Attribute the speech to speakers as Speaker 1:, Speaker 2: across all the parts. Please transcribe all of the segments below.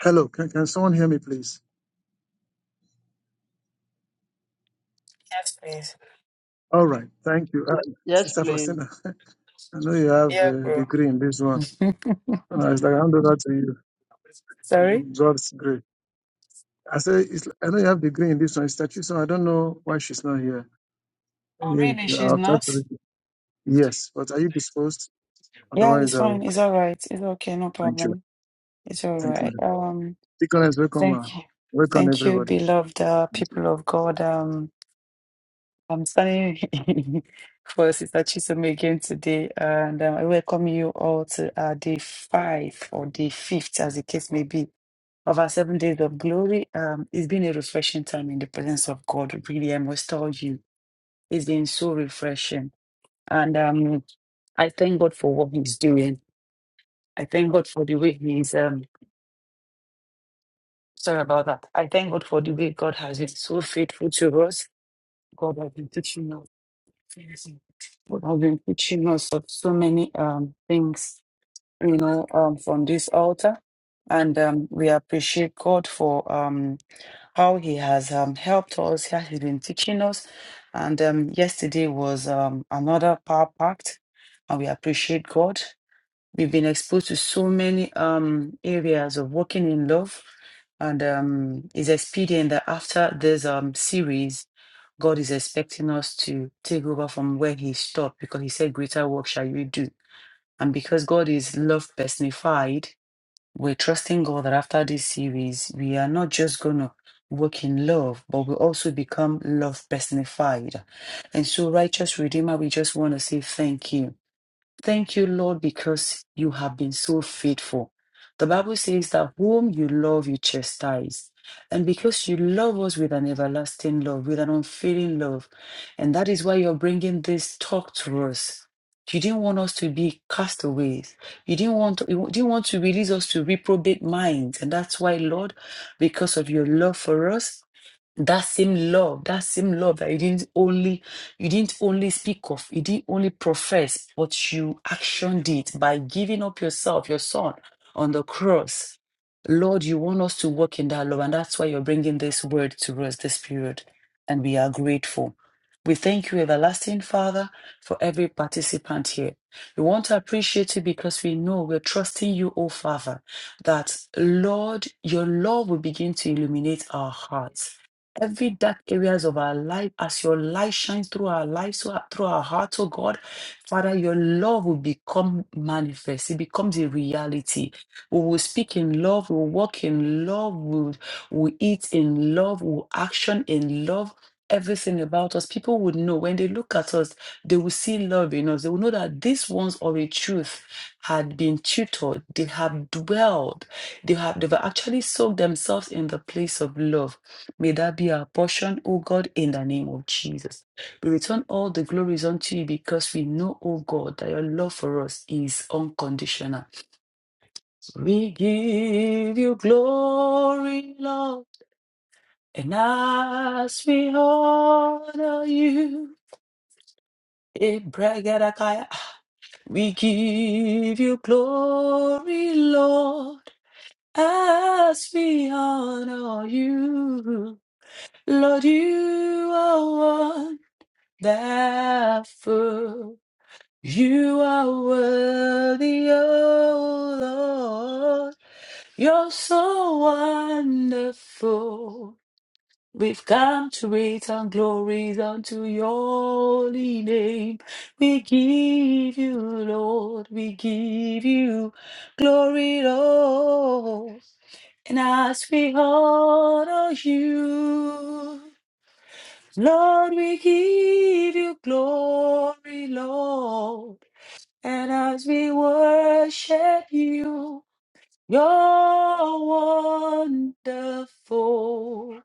Speaker 1: Hello, can, can someone hear me, please?
Speaker 2: Yes, please.
Speaker 1: All right, thank you. Uh,
Speaker 3: Yes,
Speaker 1: Sister
Speaker 3: please.
Speaker 1: Faustina, I know you have
Speaker 2: Yeah,
Speaker 1: a
Speaker 2: bro.
Speaker 1: degree in this one. And I was like, hand over to you.
Speaker 2: Sorry?
Speaker 1: God's great. I say, it's, I know you have degree in this one. It's like, so I don't know why she's not here.
Speaker 2: Oh, really?
Speaker 1: Eh,
Speaker 2: She's
Speaker 1: I'll try to
Speaker 2: not?
Speaker 1: reach you. Yes, but are you disposed?
Speaker 2: Yeah, it's
Speaker 1: Otherwise,
Speaker 2: fine.
Speaker 1: I'll
Speaker 2: It's all right. It's okay. No
Speaker 1: thank you.
Speaker 2: problem. It's all
Speaker 1: Thank you.
Speaker 2: right. Um,
Speaker 1: Deaconess, welcome, ma.
Speaker 2: thank you.
Speaker 1: Welcome,
Speaker 2: Thank you,
Speaker 1: everybody.
Speaker 2: beloved uh,
Speaker 1: Thank you.
Speaker 2: people of God. Um, I'm standing for Sister Chisome again today, and um, I welcome you all to uh, day five or day fifth, as the case may be, of our seven days of glory. Um, it's been a refreshing time in the presence of God. Really, I must tell you. It's been so refreshing. And um, I thank God for what He's doing. I thank God for the way He's, um, sorry about that. I thank God for the way God has been so faithful to us. God has been teaching us. God has been teaching us of so many um, things, you know, um, from this altar. And um, we appreciate God for. Um, how he has um, helped us, how he's been teaching us. And um, yesterday was um, another power packed, and we appreciate God. We've been exposed to so many um, areas of working in love, and um, it's expedient that after this um, series, God is expecting us to take over from where He stopped because He said, Greater work shall you do. And because God is love personified, we're trusting God that after this series, we are not just going to work in love, but we also become love personified. And so, righteous Redeemer, we just want to say thank you. Thank you, Lord, because you have been so faithful. The Bible says that whom you love, you chastise. And because you love us with an everlasting love, with an unfailing love. And that is why you're bringing this talk to us. You didn't want us to be castaways. You didn't want you didn't want to release us to reprobate minds. And that's why, Lord, because of your love for us that same love, that same love that you didn't only you didn't only speak of, you didn't only profess, but you actioned it by giving up yourself, your son, on the cross. Lord, you want us to walk in that love, and that's why you're bringing this word to us this period, and we are grateful. We thank you, everlasting Father, for every participant here. We want to appreciate you because we know we're trusting you, oh Father, that Lord, your love will begin to illuminate our hearts every dark areas of our life as your light shines through our lives through our, through our hearts oh god father your love will become manifest it becomes a reality we will speak in love we will walk in love we will we will eat in love we will action in love Everything about us, people would know when they look at us, they will see love in us. They will know that these ones of a truth had been tutored, they have dwelled, they have they've actually soaked themselves in the place of love. May that be our portion, O God, in the name of Jesus. We return all the glories unto you because we know, O God, that your love for us is unconditional. We give you glory, Lord, and as we honor you, eh, Bragadakaya. we give you glory, Lord, as we honor you. Lord, you are therefore you are worthy, O Lord. You're so wonderful. We've come to return glories unto your holy name. We give you, Lord, we give you glory, Lord. And as we honor you, Lord, we give you glory, Lord. And as we worship you, you're wonderful.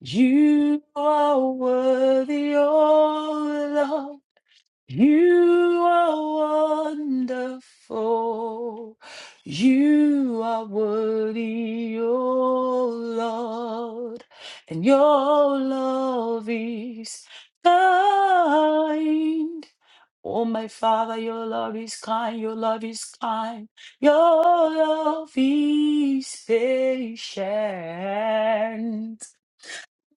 Speaker 2: You are worthy, oh Lord. You are wonderful. You are worthy, O Lord. And your love is kind. Oh, my Father, your love is kind, your love is kind, your love is patient.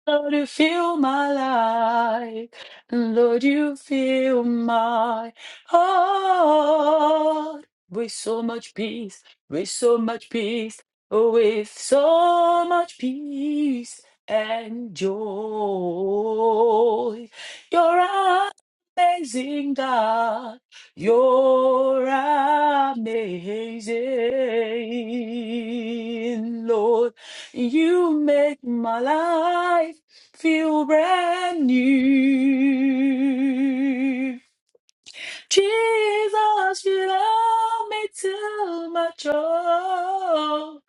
Speaker 2: Lord, you fill my life. Lord, you fill my heart with so much peace, with so much peace, with so much peace and joy. You're amazing, God. You're amazing, Lord. You make my life feel brand new. Jesus, you love me too much, oh,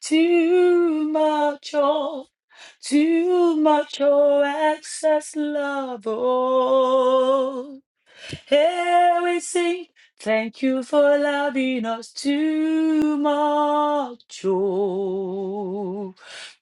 Speaker 2: too much, oh, too much, oh, excess love, oh. Here we sing, thank you for loving us too much. Oh,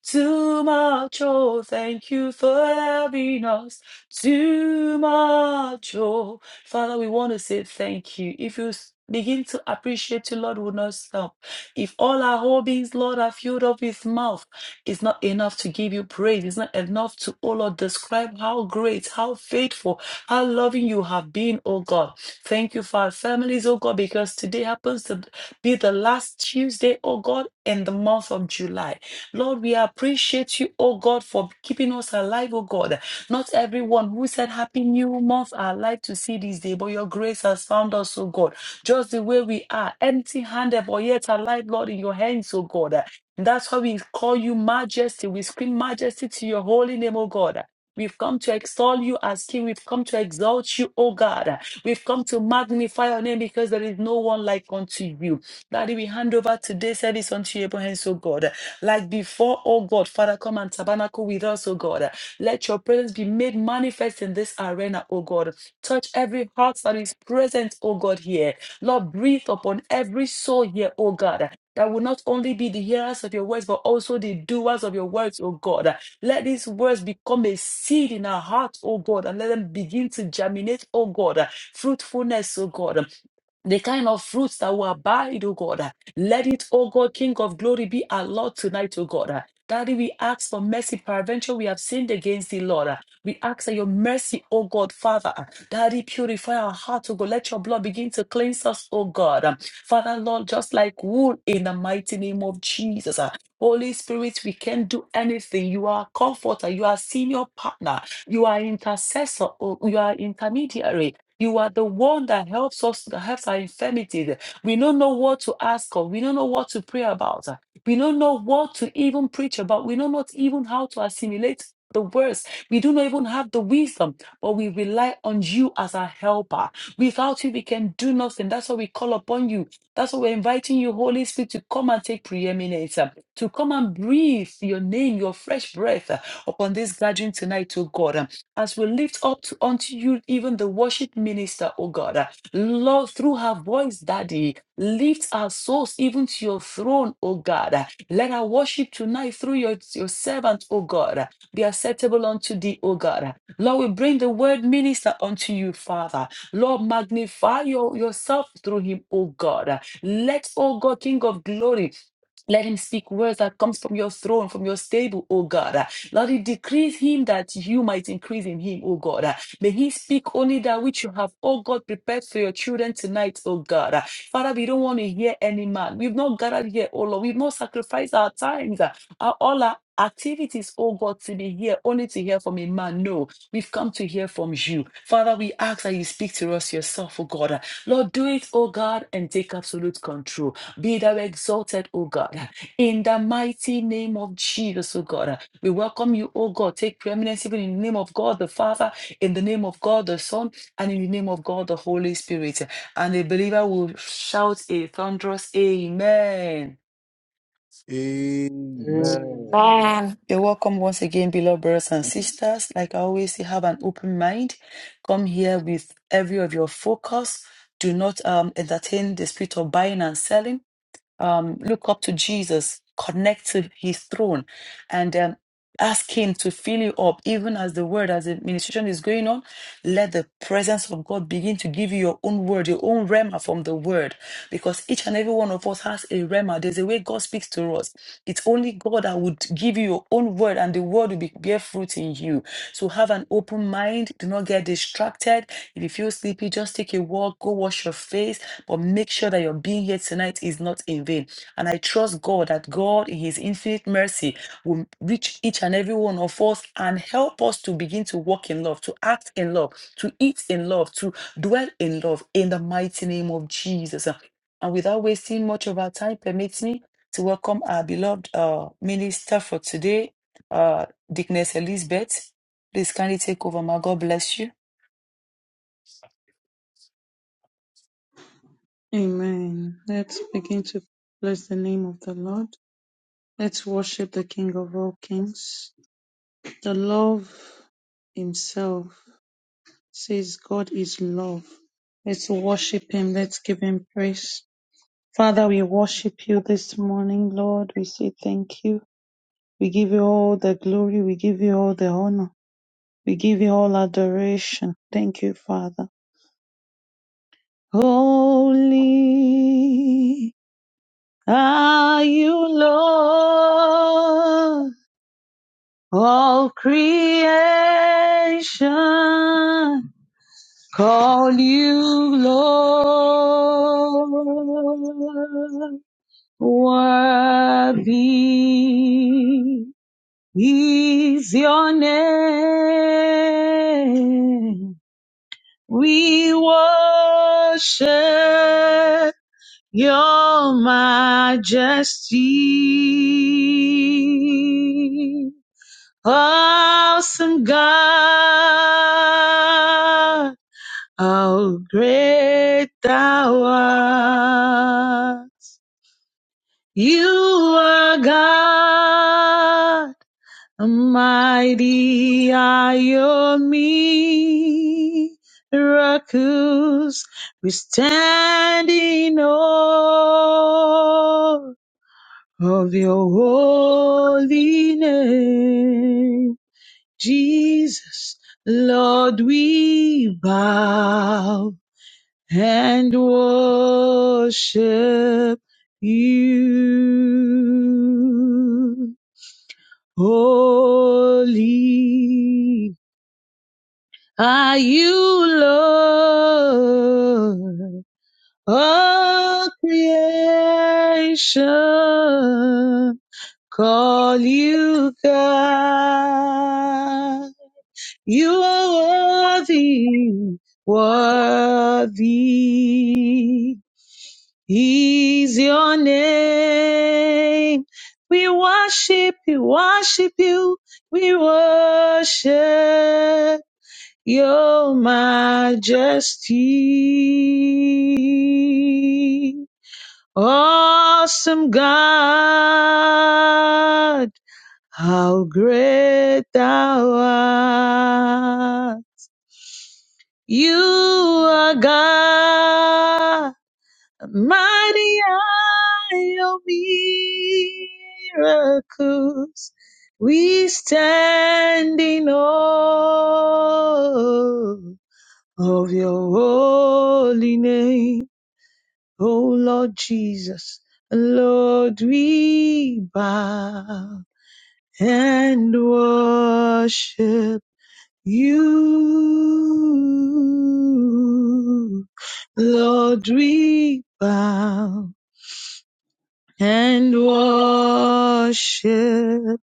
Speaker 2: too much. Oh, thank you for loving us too much. Oh, Father, we want to say thank you. If you s- begin to appreciate you, Lord, will not stop. If all our whole beings, Lord, are filled up with mouth, it's not enough to give you praise. It's not enough to, oh Lord, describe how great, how faithful, how loving you have been, oh God. Thank you for our families, oh God, because today happens to be the last Tuesday, oh God, in the month of July. Lord, we appreciate you, oh God, for keeping us alive, oh God. Not everyone who said happy new month are alive to see this day, but your grace has found us, oh God. Just the way we are, empty handed, but yet alive, Lord, in your hands, oh God. That's why we call you majesty. We scream majesty to your holy name, O God. We've come to extol you as King. We've come to exalt you, O God. We've come to magnify your name because there is no one like unto you. Daddy, we hand over today's service unto your hands, O God. Like before, O God, Father, come and tabernacle with us, O God. Let your presence be made manifest in this arena, O God. Touch every heart that is present, O God, here. Lord, breathe upon every soul here, O God that will not only be the hearers of your words, but also the doers of your words, oh God. Let these words become a seed in our hearts, oh God, and let them begin to germinate, oh God, fruitfulness, oh God. The kind of fruits that will abide, oh God. Let it, oh God, King of glory, be our Lord tonight, oh God. Daddy, we ask for mercy. Peradventure, we have sinned against thee, Lord. We ask that your mercy, oh God, Father. Daddy, purify our heart, oh God. Let your blood begin to cleanse us, oh God. Father, Lord, just like wool in the mighty name of Jesus. ah. Holy Spirit, we can do anything. You are comforter, you are senior partner, you are intercessor, oh, you are intermediary. You are the one that helps us, that helps our infirmities. We don't know what to ask of. We don't know what to pray about. ah. We don't know what to even preach about. We don't know even how to assimilate the words. We do not even have the wisdom, but we rely on you as our helper. Without you, we can do nothing. That's why we call upon you. That's why we're inviting you, Holy Spirit, to come and take preeminence, uh, to come and breathe your name, your fresh breath uh, upon this gathering tonight, oh God. Um, As we lift up to, unto you, even the worship minister, oh God, uh, Lord, through her voice, Daddy, lift our souls even to your throne, oh God. Uh, Let our worship tonight through your, your servant, oh God, uh, be acceptable unto thee, oh God. Uh, Lord, we bring the word minister unto you, Father. Lord, magnify your, yourself through him, oh God. Uh, let, oh God, King of glory, let him speak words that comes from your throne, from your stable, O God. Uh, Lord, it decrease him that you might increase in him, O God. Uh, May he speak only that which you have, O God, prepared for your children tonight, O God. Uh, Father, we don't want to hear any man. We've not gathered here, O Lord. We've not sacrificed our times, uh, our, all our activities, O God, to be here, only to hear from a man. No, we've come to hear from you. Father, we ask that you speak to us yourself, O God. Lord, do it, O God, and take absolute control. Be thou exalted, O God, in the mighty name of Jesus, O God. We welcome you, O God. Take preeminence even in the name of God the Father, in the name of God the Son, and in the name of God the Holy Spirit. And the believer will shout a thunderous Amen.
Speaker 1: Amen.
Speaker 4: Amen.
Speaker 5: Man.
Speaker 2: You're welcome once again, beloved brothers and
Speaker 1: Thank
Speaker 2: sisters. Like I always say, have an open mind. Come here with every of your focus. Do not um, entertain the spirit of buying and selling um, look up to Jesus, connect to his throne, and um, ask him to fill you up, even as the word, as the ministration is going on. Let the presence of God begin to give you your own word, your own rema from the word, because each and every one of us has a rema. There's a way God speaks to us. It's only God that would give you your own word, and the word will be, bear fruit in you. So have an open mind. Do not get distracted. If you feel sleepy, just take a walk, go wash your face, but make sure that your being here tonight is not in vain. And I trust God that God, in His infinite mercy, will reach each and every one of us and help us to begin to walk in love, to act in love, to eat in love, to dwell in love, in the mighty name of Jesus. And without wasting much of our time, permit me to welcome our beloved uh, minister for today, uh, Dickness Elizabeth. Please kindly take over, ma. God bless you.
Speaker 6: Amen. Let's begin to bless the name of the Lord. Let's worship the King of all kings. The love himself says God is love. Let's worship him. Let's give him praise. Father, we worship you this morning, Lord. We say thank you. We give you all the glory. We give you all the honor. We give you all adoration. Thank you, Father. Holy. Are you Lord all creation? Call you Lord. Worthy is your name. We worship Your majesty, awesome God, how great thou art. You are God, mighty are your miracles. We stand in awe of your holy name. Jesus, Lord, we bow and worship you. Holy are you, Lord, all creation call you God. You are worthy, worthy is your name. We worship you, worship you, we worship your majesty. Awesome God how great thou art. You are God, mighty are your miracles. We stand in awe of your holy name, O Lord Jesus. Lord, we bow and worship. you, Lord, we bow and worship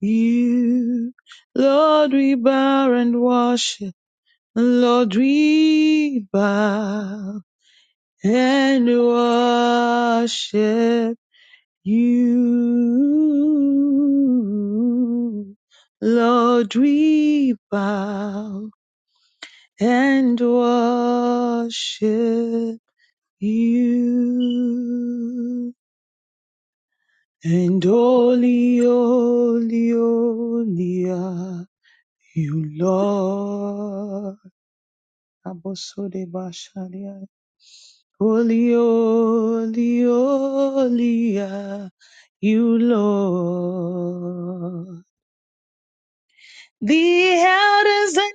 Speaker 6: you. Lord, we bow and worship. Lord, we bow and worship you. Lord, we bow and worship you. And only, only, only are you, Lord. Abosode basharia. Only, only, only are you, Lord. The elders and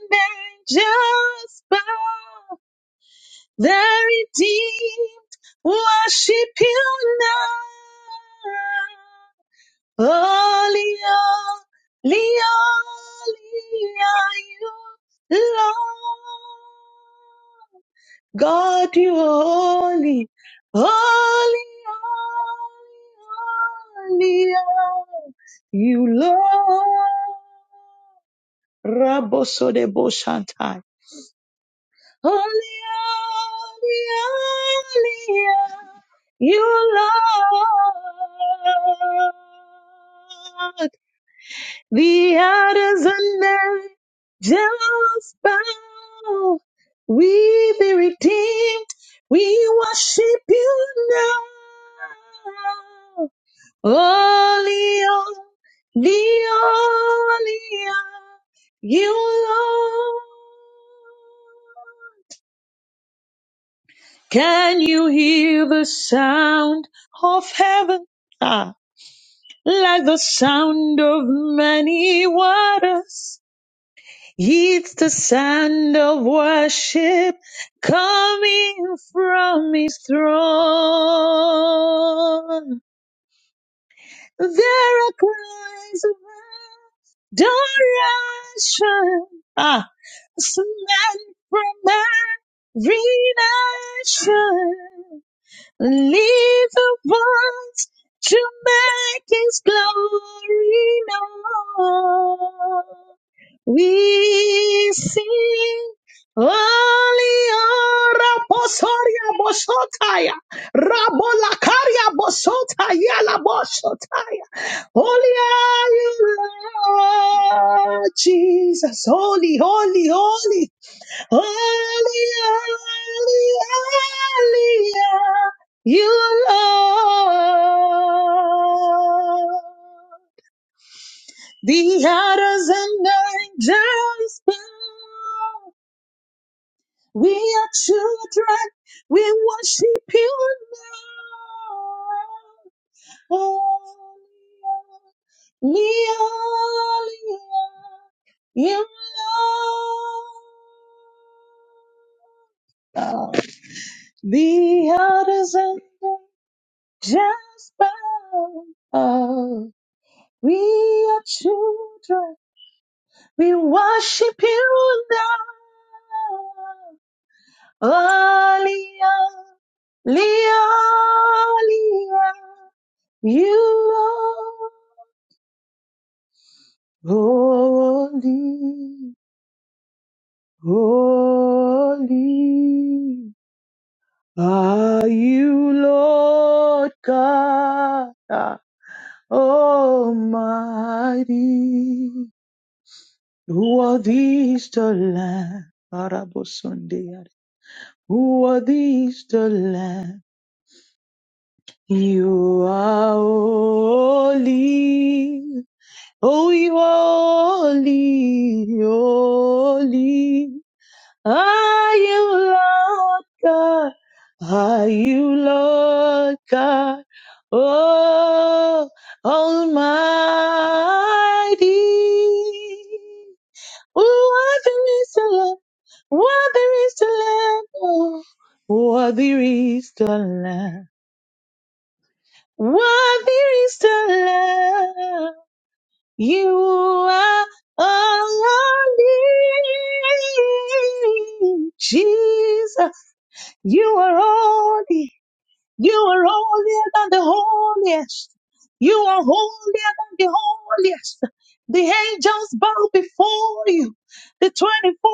Speaker 6: angels bow The redeemed worship you now. Holy, holy, holy are you, Lord. God, you are holy, holy, holy, holy are you, Lord. Raboso de Boshantai. Only, only, only you, Lord. The others are not just bow. We be redeemed. We worship you now. Only, only, only you, Lord. Can you hear the sound of heaven? Ah, like the sound of many waters. It's the sound of worship coming from his throne. There are cries of adoration. Ah, it's men from every nation. Leave the ones to make his glory known. We sing Aliara Bosoria Bosotaya Rabolakaria Bosotaya La Bosotaya Holy are you Lord Jesus Holy Holy Holy Holy, holy, holy are you, Lord. The elders and angels bow. We are children. We worship you, Lord. Holy, holy holy, are you, Lord. The elders and angels bow. We are children. We worship you now. Hallelujah. Hallelujah. You are holy, holy. Are you Lord God? Almighty, who are these to land? Arabosunday. Who are these to land? You are holy. Oh, you are holy, holy. Are you Lord God? Are you Lord God? Oh, Almighty. Worthy is the Lamb. Worthy is the Lamb. Oh, worthy is the Lamb. Worthy is the Lamb. You are Almighty. Jesus. You are worthy. You are holier than the holiest. You are holier than the holiest. The angels bow before you. The 24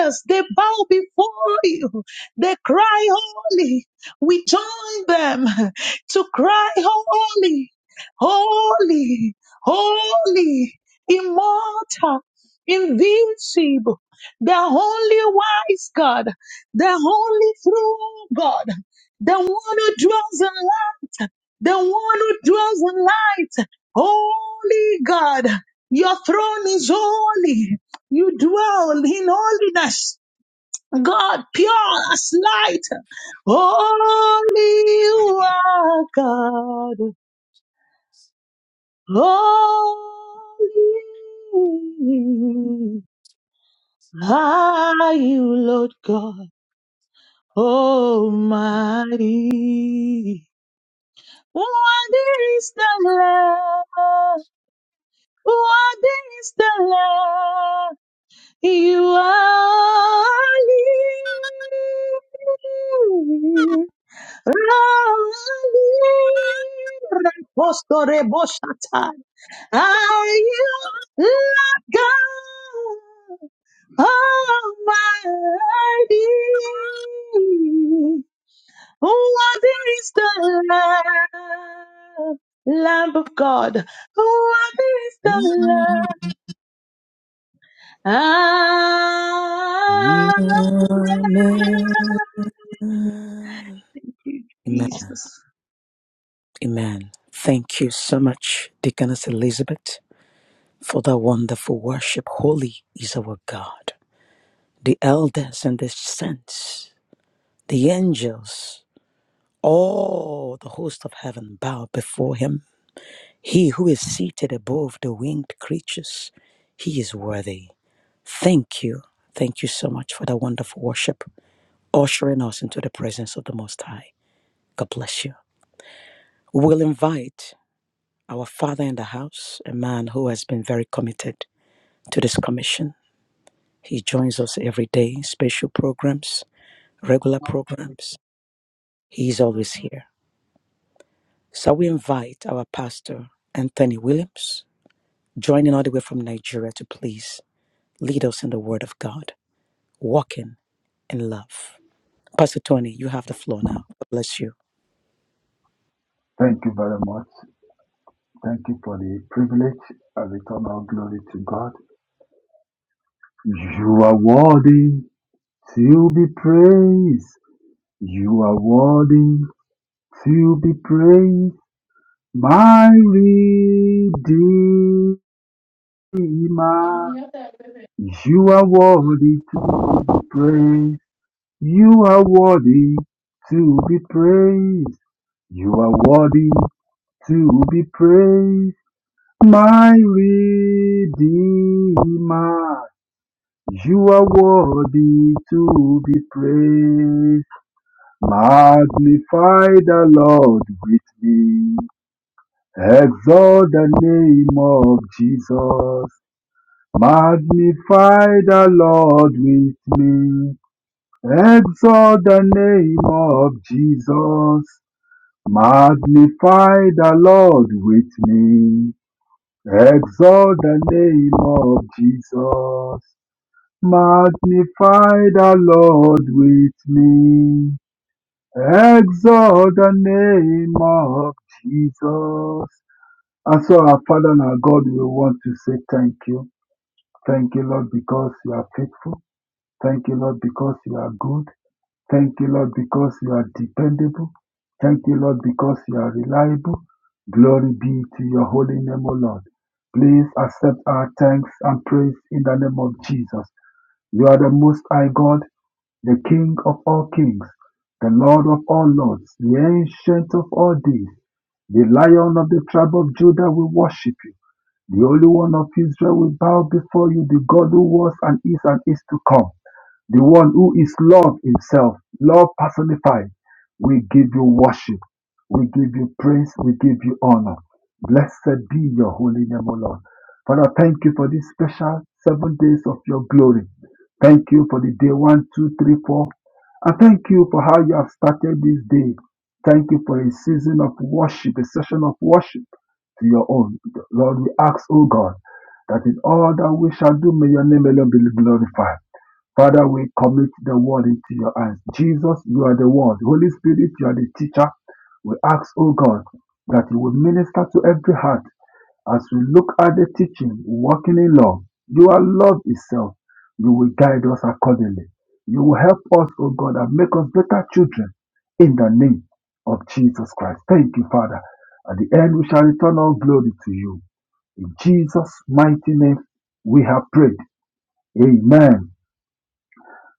Speaker 6: elders, they bow before you. They cry holy. We join them to cry holy, holy, holy, immortal, invincible, the only wise God, the only true God the one who dwells in light, the one who dwells in light. Holy God, your throne is holy. You dwell in holiness. God, pure as light. Holy you are God. Holy are you, Lord God Almighty. What is the love? What is the love you are leaving? Repostore boshata. Are you like God Almighty? Who are these the Lamb, Lamb of God? Who are these the
Speaker 7: Amen.
Speaker 6: Lamb? Ah,
Speaker 7: Amen.
Speaker 6: thank you, Jesus.
Speaker 7: Amen. Thank you so much, Deaconess Elizabeth, for that wonderful worship. Holy is our God. The elders and the saints, the angels, all the host of heaven bow before him. He who is seated above the winged creatures, he is worthy. Thank you. Thank you so much for that wonderful worship, ushering us into the presence of the Most High. God bless you. We'll invite our father in the house, a man who has been very committed to this commission. He joins us every day, special programs, regular
Speaker 8: No.
Speaker 7: programs. He is
Speaker 8: Well,
Speaker 7: always here. So we invite our pastor, Anthony Williams, joining all the way from Nigeria to please lead us in the word of God, walking in love. Pastor Tony, you have the floor now. God bless you.
Speaker 9: Thank you very much. Thank you for the privilege. I return all glory to God. You are worthy to be praised. You are worthy to be praised. My Redeemer.
Speaker 8: you got that with it.
Speaker 9: You are worthy to be praised. You are worthy to be praised. You are worthy to be praised. My Redeemer, you are worthy to be praised. Magnify the Lord with me. Exalt the name of Jesus. Magnify the Lord with me. Exalt the name of Jesus. Magnify the Lord with me. Exalt the name of Jesus. Magnify the Lord with me. Exalt the name of Jesus. And so, our Father and our God, we want to say thank you. Thank you, Lord, because you are faithful. Thank you, Lord, because you are good. Thank you, Lord, because you are dependable. Thank you, Lord, because you are reliable. Glory be to your holy name, O Lord. Please accept our thanks and praise in the name of Jesus. You are the Most High God, the King of all kings, the Lord of all lords, the Ancient of all days, the Lion of the tribe of Judah will worship you. The Holy One of Israel will bow before you, the God who was and is and is to come. The one who is love himself, love personified. We give you worship. We give you praise. We give you honor. Blessed be your holy name, O Lord. Father, thank you for this special seven days of your glory. Thank you for the day one, two, three, four. And thank you for how you have started this day. Thank you for a season of worship, a session of worship to your own. Lord, we ask, O God, that in all that we shall do, may your name alone be glorified. Father, we commit the word into your hands. Jesus, you are the word. Holy Spirit, you are the teacher. We ask, O God, that you will minister to every heart as we look at the teaching, walking in love. You are love itself. You will guide us accordingly. You will help us, O God, and make us better children in the name of Jesus Christ. Thank you, Father. At the end, we shall return all glory to you. In Jesus' mighty name, we have prayed. Amen.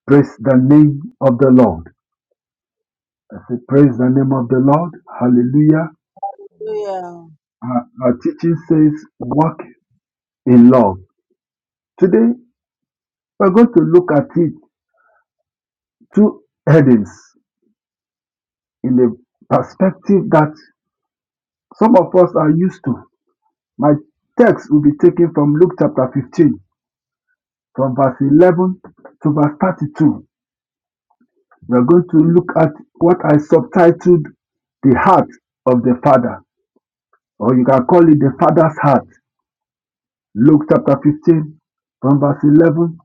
Speaker 9: Praise the name of the Lord. I say, Praise the name of the
Speaker 4: Hallelujah.
Speaker 9: Lord. Hallelujah.
Speaker 4: Hallelujah.
Speaker 10: Yeah,
Speaker 9: Our, our teaching says, Walk in love. Today, we're going to look at it two headings in the perspective that some of us are used to. My text will be taken from Luke chapter 15, from verse 11 to verse 32. We're going to look at what I subtitled the heart of the Father, or you can call it the Father's heart. Luke chapter 15, from verse 11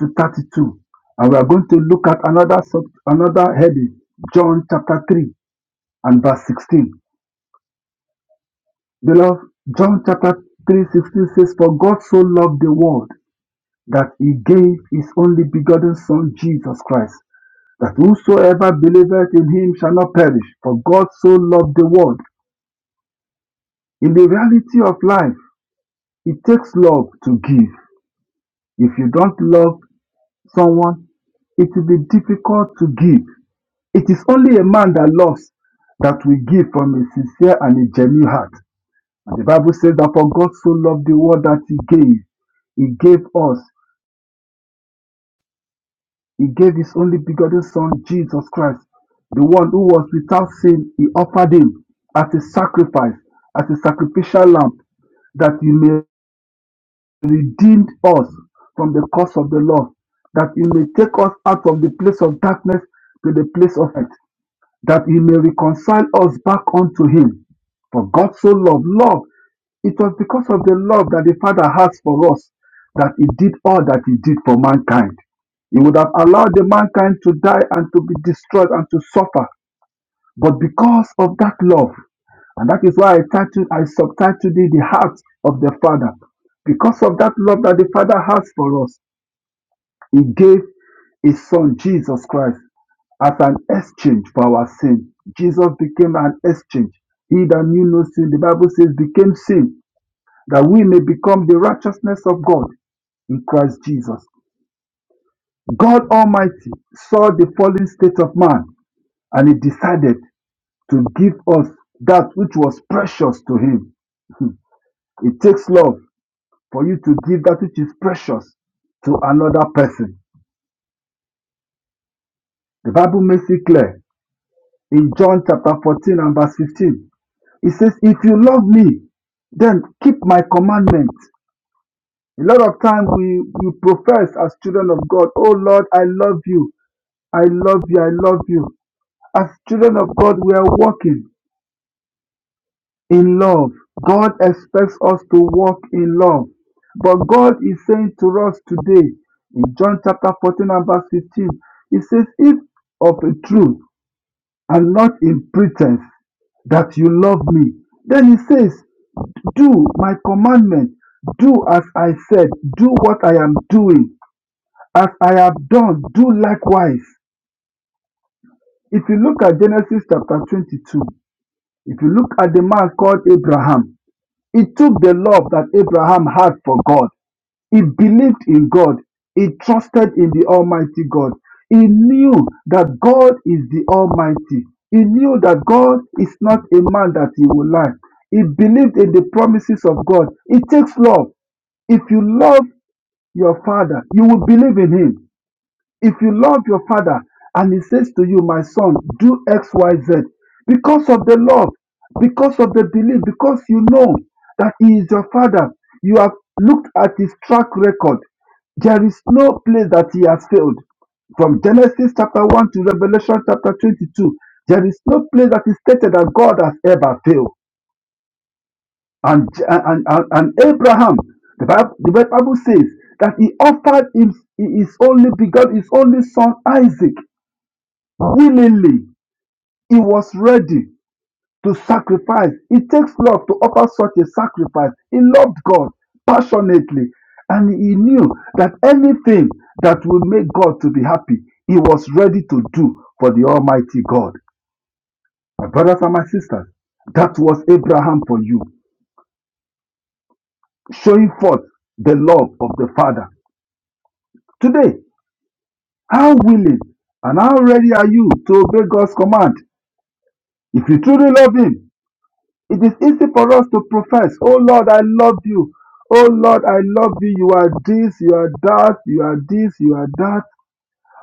Speaker 9: to 32. And we are going to look at another sub, another heading, John chapter 3 and verse 16. Beloved, John chapter 3 16 says, For God so loved the world that he gave his only begotten Son, Jesus Christ, that whosoever believeth in him shall not perish. For God so loved the world. In the reality of life, it takes love to give. If you don't love someone, it will be difficult to give. It is only a man that loves that will give from a sincere and a genuine heart. And the Bible says that for God so loved the world that he gave. He gave us. He gave his only begotten son, Jesus Christ. The one who was without sin, he offered him as a sacrifice, as a sacrificial lamb, that he may redeem us from the curse of the law, that he may take us out of the place of darkness to the place of light. that he may reconcile us back unto him. For God so loved, love. It was because of the love that the Father has for us that he did all that he did for mankind. He would have allowed the mankind to die and to be destroyed and to suffer. But because of that love, and that is why I titled, I subtitled it The Heart of the Father. Because of that love that the Father has for us, he gave his son Jesus Christ as an exchange for our sin, Jesus became an exchange. He that knew no sin, the Bible says, became sin, that we may become the righteousness of God in Christ Jesus. God Almighty saw the fallen state of man and He decided to give us that which was precious to Him. It takes love for you to give that which is precious to another person. The Bible makes it clear in John chapter 14 and verse 15 He says, If you love me, then keep my commandments. A lot of times we, we profess as children of God, Oh Lord, I love you. I love you. I love you. As children of God, we are walking in love. God expects us to walk in love. But God is saying to us today in John chapter 14 and verse 15, He says, If of a truth and not in pretense that you love me, then He says, Do my commandment, do as I said, do what I am doing, as I have done, do likewise. If you look at Genesis chapter 22, if you look at the man called Abraham, he took the love that Abraham had for God. He believed in God. He trusted in the Almighty God. He knew that God is the Almighty. He knew that God is not a man that he will lie. He believed in the promises of God. It takes love. If you love your father, you will believe in him. If you love your father and he says to you, My son, do X, Y, Z, because of the love, because of the belief, because you know that he is your father, you have looked at his track record. There is no place that he has failed. From Genesis chapter 1 to Revelation chapter 22, there is no place that is stated that God has ever failed. And, and, and, and Abraham, the Bible, the Bible says that he offered his, his only begotten, his only son Isaac willingly. He was ready to sacrifice. It takes love to offer such a sacrifice. He loved God passionately. And he knew that anything that will make God to be happy, he was ready to do for the Almighty God. My brothers and my sisters, that was Abraham for you, showing forth the love of the Father Today, how willing and how ready are you to obey God's command? If you truly love Him, it is easy for us to profess, Oh Lord, I love you. Oh Lord, I love you. You are this, you are that, you are this, you are that.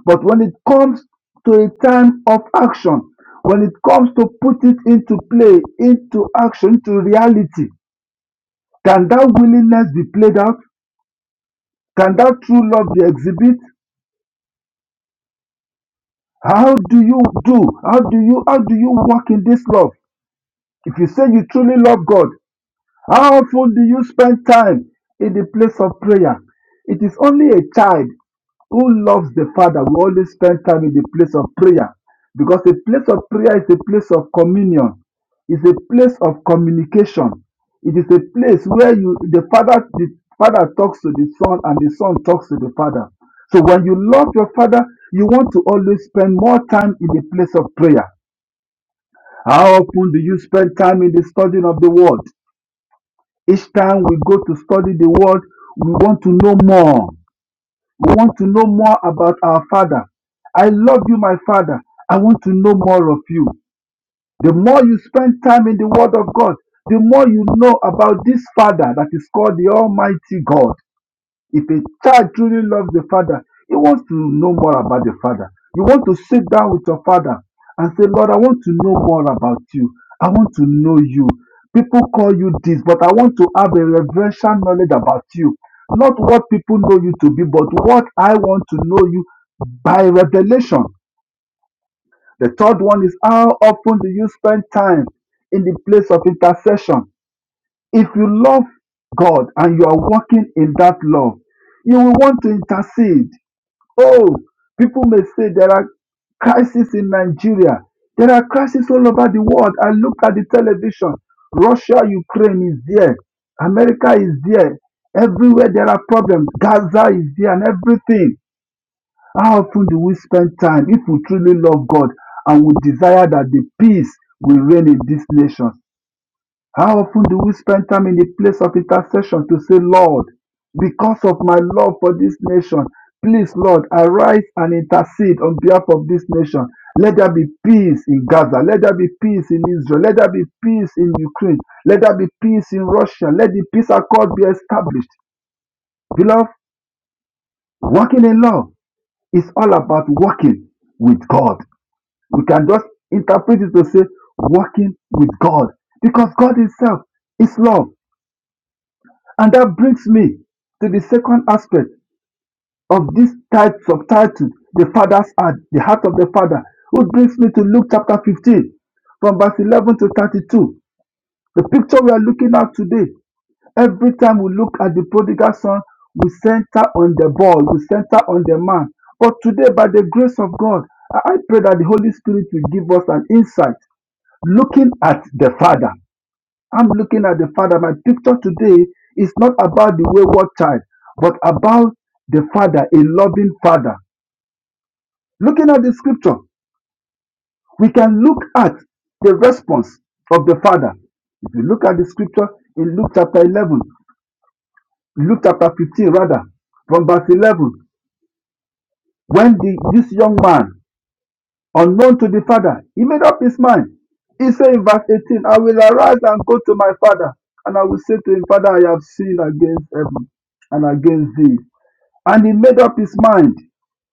Speaker 9: But when it comes to a time of action, when it comes to put it into play, into action, into reality, can that willingness be played out? Can that true love be exhibited? How do you do? How do you how do you walk in this love? If you say you truly love God, how often do you spend time in the place of prayer? It is only a child who loves the Father will always spend time in the place of prayer because the place of prayer is a place of communion, is a place of communication. It is a place where you the Father the Father talks to the Son and the Son talks to the Father. So when you love your Father, you want to always spend more time in the place of prayer. How often do you spend time in the studying of the Word? Each time we go to study the word, we want to know more. We want to know more about our Father. I love you, my Father. I want to know more of you. The more you spend time in the word of God, the more you know about this Father that is called the Almighty God. If a child truly loves the father, he wants to know more about the father. You want to sit down with your father and say, Lord, I want to know more about you. I want to know you. People call you this, but I want to have a reverential knowledge about you. Not what people know you to be, but what I want to know you by revelation. The third one is how often do you spend time in the place of intercession? If you love God and you are walking in that love, you will want to intercede. Oh, people may say there are crises in Nigeria. There are crises all over the world. I look at the television. Russia, Ukraine is there. America is there. Everywhere there are problems. Gaza is there and everything. How often do we spend time if we truly love God and we desire that the peace will reign in these nations? How often do we spend time in the place of intercession to say, Lord, because of my love for this nation, please, Lord, arise and intercede on behalf of this nation. Let there be peace in Gaza. Let there be peace in Israel. Let there be peace in Ukraine. Let there be peace in Russia. Let the peace accord be established. Beloved, walking in love is all about walking with God. We can just interpret it to say, walking with God. Because God Himself is love. And that brings me to the second aspect of this type subtitle, the Father's heart, the heart of the Father, which brings me to Luke chapter 15, from verse 11 to 32. The picture we are looking at today, every time we look at the prodigal son, we center on the boy, we center on the man. But today, by the grace of God, I I pray that the Holy Spirit will give us an insight looking at the Father. I'm looking at the Father. My picture today is not about the wayward child, but about the Father, a loving Father. Looking at the scripture, we can look at the response of the Father. If you look at the scripture in Luke chapter 11, Luke chapter 15, rather, from verse 11, when the, this young man Unknown to the father, he made up his mind. He said in verse 18, I will arise and go to my father, and I will say to him, Father, I have sinned against heaven and against thee. And he made up his mind,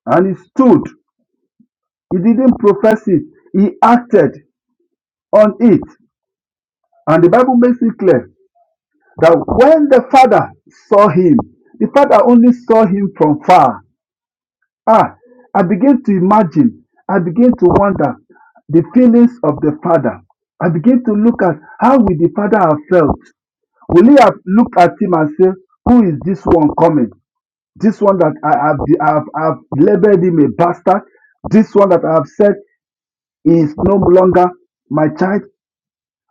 Speaker 9: and he stood. He didn't profess it, he acted on it. And the Bible makes it clear that when the father saw him, the father only saw him from far. Ah, I begin to imagine, I begin to wonder the feelings of the father. I begin to look at how would the father have felt. Will he have looked at him and say, Who is this one coming? This one that I have, I have, I have labeled him a bastard. This one that I have said is no longer my child.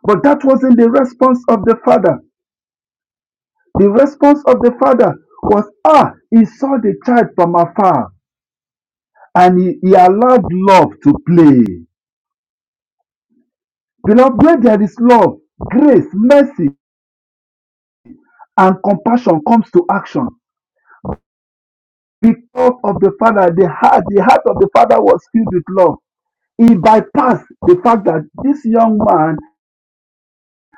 Speaker 9: But that wasn't the response of the father. The response of the father was, Ah, he saw the child from afar and he, he allowed love to play. Beloved, where there is love, grace, mercy, and compassion comes to action. Because of the Father, the heart, the heart of the Father was filled with love. He bypassed the fact that this young man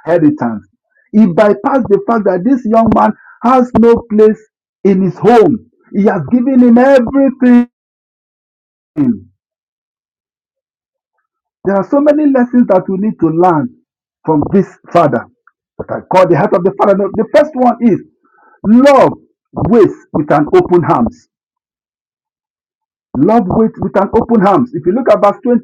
Speaker 9: inheritance. He bypassed the fact that this young man has no place in his home. He has given him everything. There are so many lessons that we need to learn from this father that I call the heart of the father. The first one is love waits with an open arms. Love waits with an open arms. If you look at verse 20,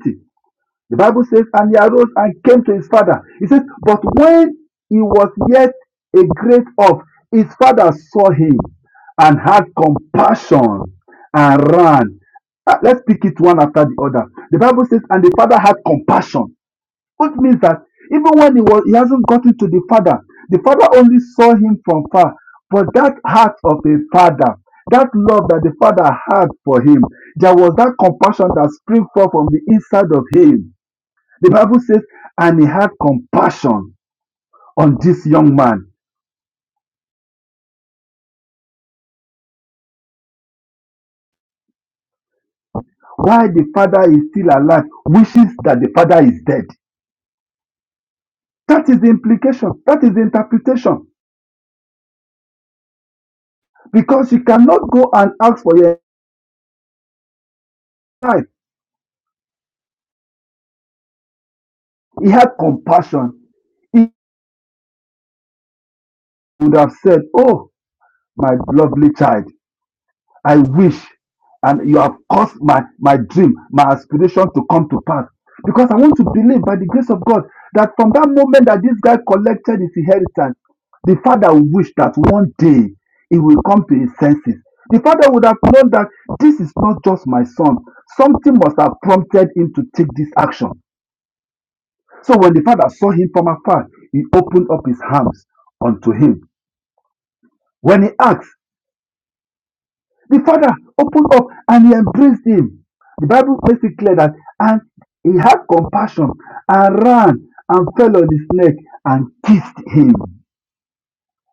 Speaker 9: the Bible says, And he arose and came to his father. It says, But when he was yet a great off, his father saw him and had compassion and ran. Uh, Let's pick it one after the other. The Bible says, And the father had compassion. Which means that even when he was he hasn't gotten to the father, the father only saw him from far. But that heart of a father, that love that the father had for him, there was that compassion that sprang forth from the inside of him. The Bible says, and he had compassion on this young man. While the father is still alive, wishes that the father is dead. That is the implication. That is the interpretation. Because you cannot go and ask for your life. He had compassion He would have said, Oh, my lovely child, I wish, and you have caused my, my dream, my aspiration to come to pass. Because I want to believe by the grace of God that from that moment that this guy collected his inheritance, the father will wish that one day he will come to his senses. The father would have known that this is not just my son. Something must have prompted him to take this action. So when the father saw him from afar, he opened up his arms unto him. When he asked, The father opened up and he embraced him. The Bible makes it clear that, and he had compassion and ran and fell on his neck and kissed him.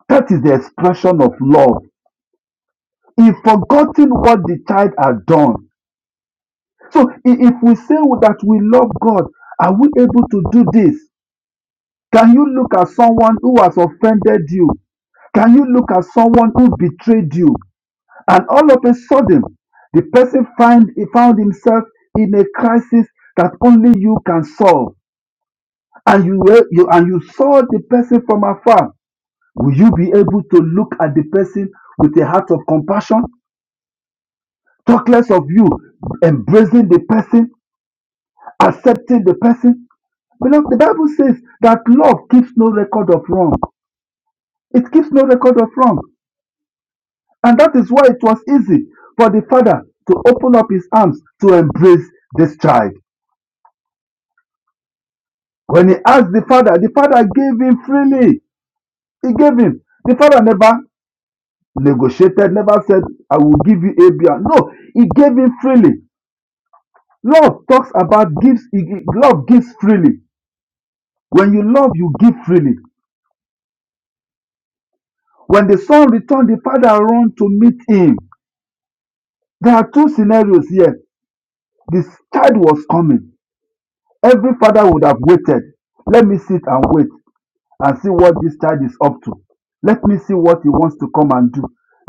Speaker 9: That is the expression of love. He forgotten what the child had done. So if we say that we love God, are we able to do this? Can you look at someone who has offended you? Can you look at someone who betrayed you? And all of a sudden, the person find, he found himself in a crisis that only you can solve. And you, were, you and you saw the person from afar. Will you be able to look at the person with a heart of compassion? Talk less of you, embracing the person, accepting the person. Beloved, the Bible says that love keeps no record of wrong. It keeps no record of wrong. And that is why it was easy for the father to open up his arms to embrace this child. When he asked the father, the father gave him freely. He gave him. The father never negotiated, never said, I will give you a B. No, he gave him freely. Love talks about gives, love gives freely. When you love, you give freely. When the son returned, the father ran to meet him. There are two scenarios here. This child was coming. Every father would have waited. Let me sit and wait. and see what this child is up to. Let me see what he wants to come and do.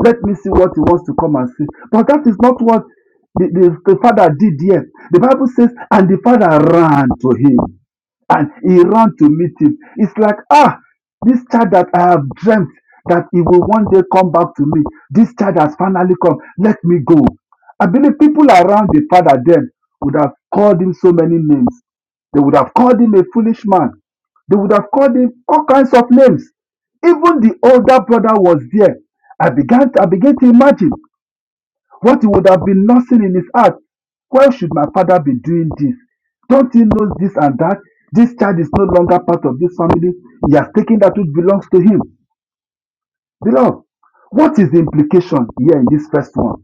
Speaker 9: Let me see what he wants to come and see. But that is not what the, the, the father did here. The Bible says, and the father ran to him and he ran to meet him. It's like, ah, this child that I have dreamt that he will one day come back to me. This child has finally come. Let me go. I believe people around the father then would have called him so many names. They would have called him a foolish man. They would have called him all kinds of names. Even the older brother was there. I began to, I began to imagine. What he would have been nursing in his heart, why should my father be doing this? Don't he know this and that? This child is no longer part of this family. He has taken that which belongs to him. Beloved, what is the implication here in this first one?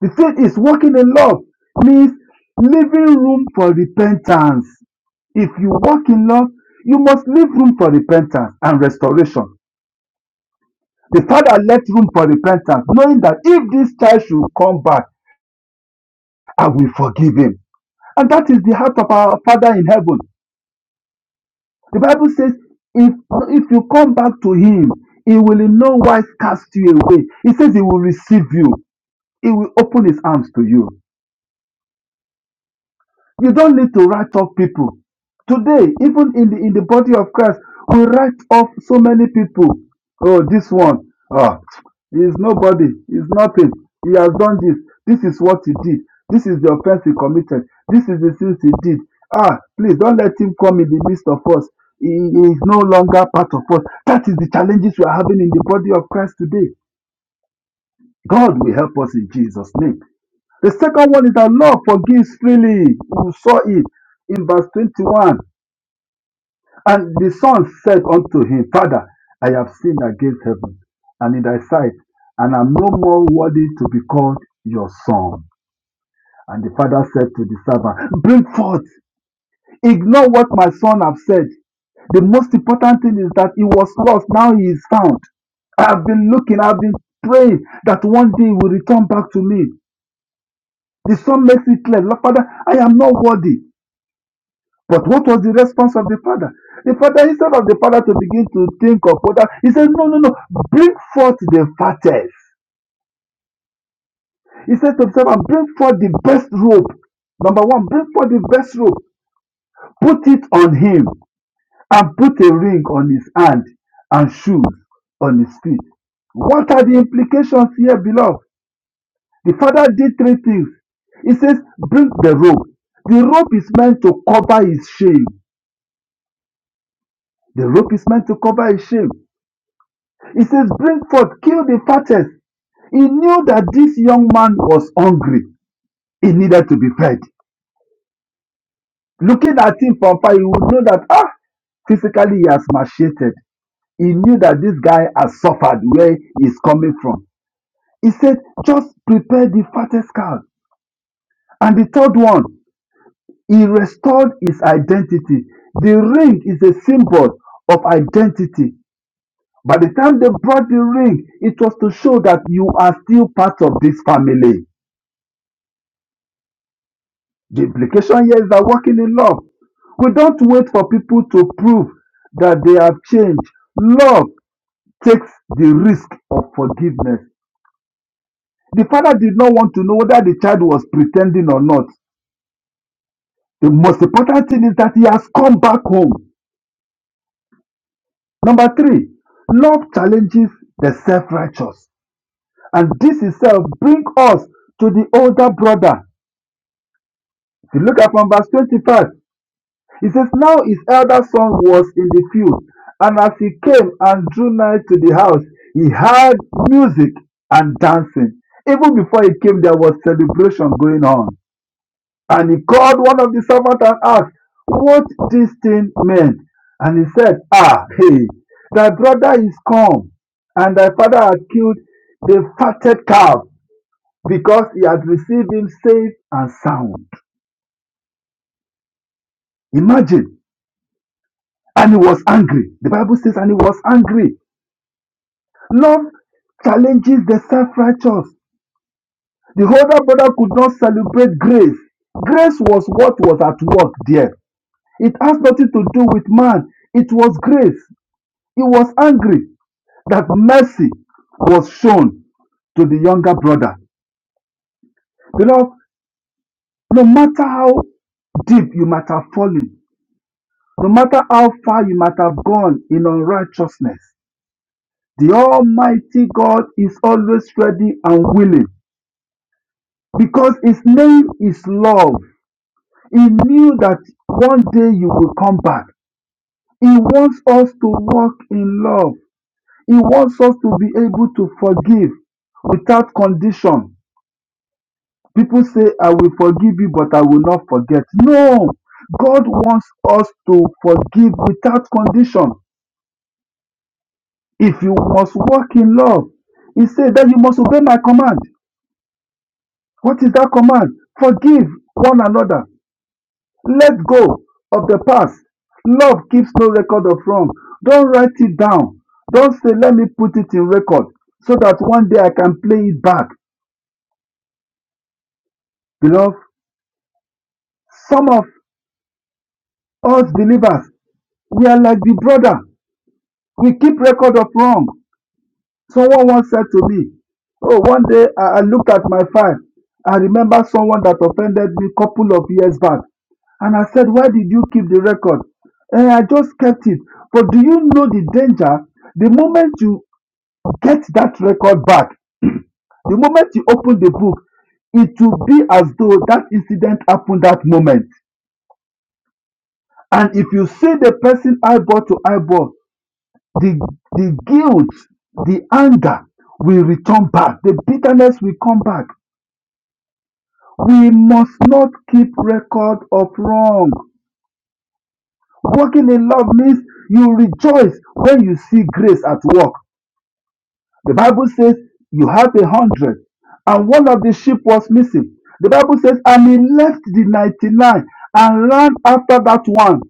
Speaker 9: The faith is walking in love means leaving room for repentance. If you walk in love, you must leave room for repentance and restoration. The father left room for repentance, knowing that if this child should come back, I will forgive him. And that is the heart of our Father in heaven. The Bible says, if, if you come back to Him, He will in no wise cast you away. He says He will receive you, He will open His arms to you. You don't need to write off people. Today, even in the in the body of Christ, we write off so many people. Oh, this one, ah, he is nobody, he is nothing. He has done this. This is what he did. This is the offense he committed. This is the sins he did. Ah, please don't let him come in the midst of us. He he is no longer part of us. That is the challenges we are having in the body of Christ today. God will help us in Jesus' name. The second one is that love forgives freely. We saw it in verse 21. And the son said unto him, Father, I have sinned against heaven and in thy sight, and am no more worthy to be called your son. And the father said to the servant, Bring forth, ignore what my son have said. The most important thing is that he was lost, now he is found. I have been looking, I have been praying that one day he will return back to me. The son makes it clear, Father, I am not worthy. But what was the response of the father? The father, instead of the father to begin to think of what he says, No, no, no, bring forth the fattest. He said to himself, and bring forth the best robe. Number one, bring forth the best robe, put it on him, and put a ring on his hand and shoes on his feet. What are the implications here, beloved? The father did three things. He says, Bring the robe. The robe is meant to cover his shame. The robe is meant to cover his shame. He says, Bring forth, kill the fattest. He knew that this young man was hungry. He needed to be fed. Looking at him from far, he would know that, ah, physically he has macheted. He knew that this guy has suffered where he's coming from. He said, Just prepare the fattest calf. And the third one, he restored his identity. The ring is a symbol of identity. By the time they brought the ring, it was to show that you are still part of this family The implication here is that walking in love, we don't wait for people to prove that they have changed. Love takes the risk of forgiveness. The father did not want to know whether the child was pretending or not. The most important thing is that he has come back home. Number three, love challenges the self righteous. And this itself brings us to the older brother. If you look at from verse 25, He says, Now his elder son was in the field, and as he came and drew nigh to the house, he heard music and dancing. Even before he came, there was celebration going on. And he called one of the servants and asked, What this thing meant? And he said, Ah, hey, thy brother is come, and thy father had killed the fatted calf because he had received him safe and sound. Imagine. And he was angry. The Bible says, and he was angry Love challenges the self righteous. The older brother could not celebrate grace. Grace was what was at work there. It has nothing to do with man, it was grace. He was angry that mercy was shown to the younger brother. Beloved, no matter how deep you might have fallen, no matter how far you might have gone in unrighteousness, the Almighty God is always ready and willing because His name is love. He knew that one day you will come back. He wants us to walk in love. He wants us to be able to forgive without condition. People say, I will forgive you, but I will not forget. No, God wants us to forgive without condition. If you must walk in love, He said that you must obey my command. What is that command? Forgive one another Let go of the past. Love keeps no record of wrong. Don't write it down. Don't say, let me put it in record so that one day I can play it back. Beloved, some of us believers, we are like the brother. We keep record of wrong. Someone once said to me, Oh, one day I I looked at my file I remember someone that offended me a couple of years back. And I said, Why did you keep the record? And I just kept it. But do you know the danger? The moment you get that record back, the moment you open the book, it will be as though that incident happened that moment. And if you see the person eyeball to eyeball, the, the guilt, the anger will return back, the bitterness will come back. We must not keep record of wrong. Walking in love means you rejoice when you see grace at work. The Bible says you have a hundred, and one of the sheep was missing. The Bible says, and he left the 99 and ran after that one.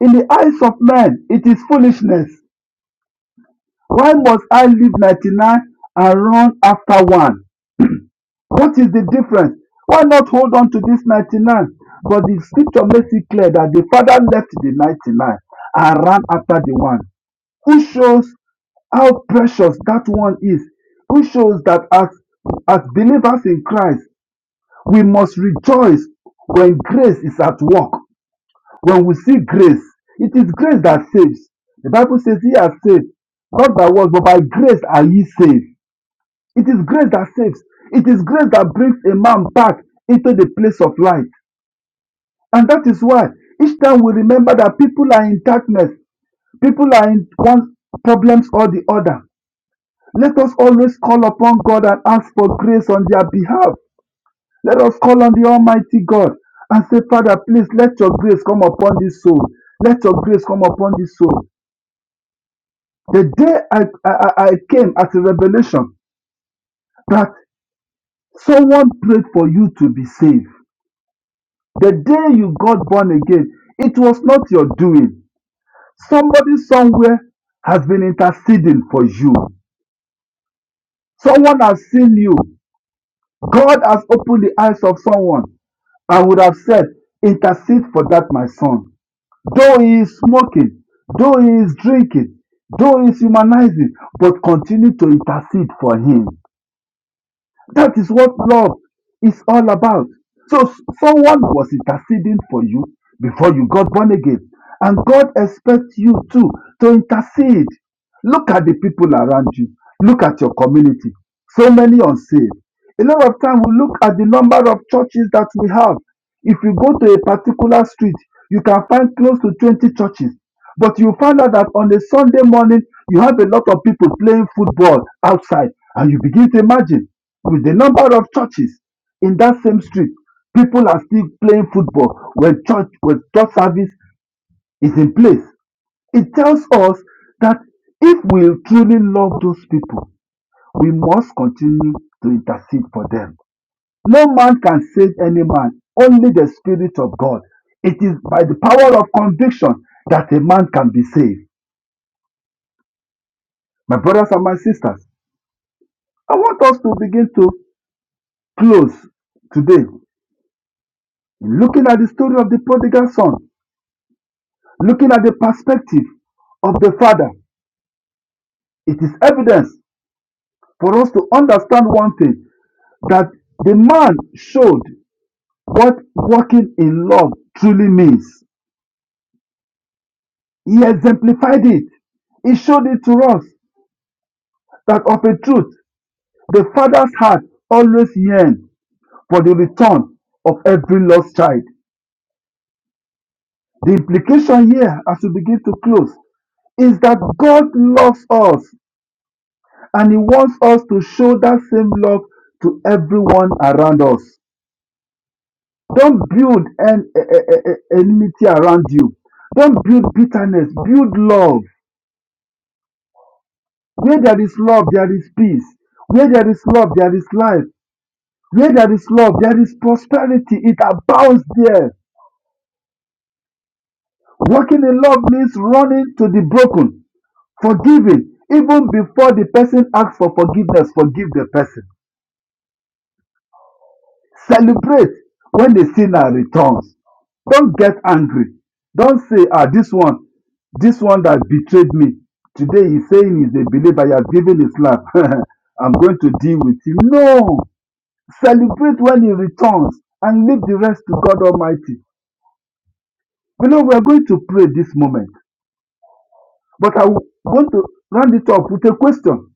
Speaker 9: In the eyes of men, it is foolishness. Why must I leave 99 and run after one? What is the difference? Why not hold on to this 99? But the scripture makes it clear that the father left the 99 and ran after the one, Who shows how precious that one is, Who shows that as, as believers in Christ, we must rejoice when grace is at work, when we see grace. It is grace that saves. The Bible says, He has saved, not by works, but by grace are ye saved. It is grace that saves. It is grace that brings a man back into the place of light. And that is why each time we remember that people are in darkness, people are in one problems or the other. Let us always call upon God and ask for grace on their behalf. Let us call on the Almighty God and say, Father, please let your grace come upon this soul. Let your grace come upon this soul. The day I, I, I came as a revelation that someone prayed for you to be saved. The day you got born again, it was not your doing. Somebody somewhere has been interceding for you. Someone has seen you. God has opened the eyes of someone I would have said, Intercede for that, my son. Though he is smoking, though he is drinking, though he is humanizing, but continue to intercede for him. That is what love is all about. So s- someone was interceding for you before you got born again. And God expects you too to intercede. Look at the people around you. Look at your community. So many unsaved. A lot of time we look at the number of churches that we have. If you go to a particular street, you can find close to 20 churches. But you find out that on a Sunday morning, you have a lot of people playing football outside. And you begin to imagine with the number of churches in that same street, people are still playing football when church when church service is in place. It tells us that if we truly love those people, we must continue to intercede for them. No man can save any man, only the Spirit of God. It is by the power of conviction that a man can be saved. My brothers and my sisters, I want us to begin to close today in looking at the story of the prodigal son Looking at the perspective of the Father, it is evidence for us to understand one thing that the man showed what walking in love truly means. He exemplified it. He showed it to us that of a truth, the Father's heart always yearns for the return of every lost child. The implication here, as we begin to close, is that God loves us and he wants us to show that same love to everyone around us. Don't build an e- e- e- e- enmity around you. Don't build bitterness. Build love. Where there is love, there is peace. Where there is love, there is life. Where there is love, there is prosperity. It abounds there. Walking in love means running to the broken, forgiving. Even before the person asks for forgiveness, forgive the person celebrate when the sinner returns Don't get angry Don't say "Ah, this one this one that betrayed me today he's saying he's a believer he has given his life i'm going to deal with him no celebrate when he returns and leave the rest to god almighty You know we are going to pray this moment but i want to round it up with a question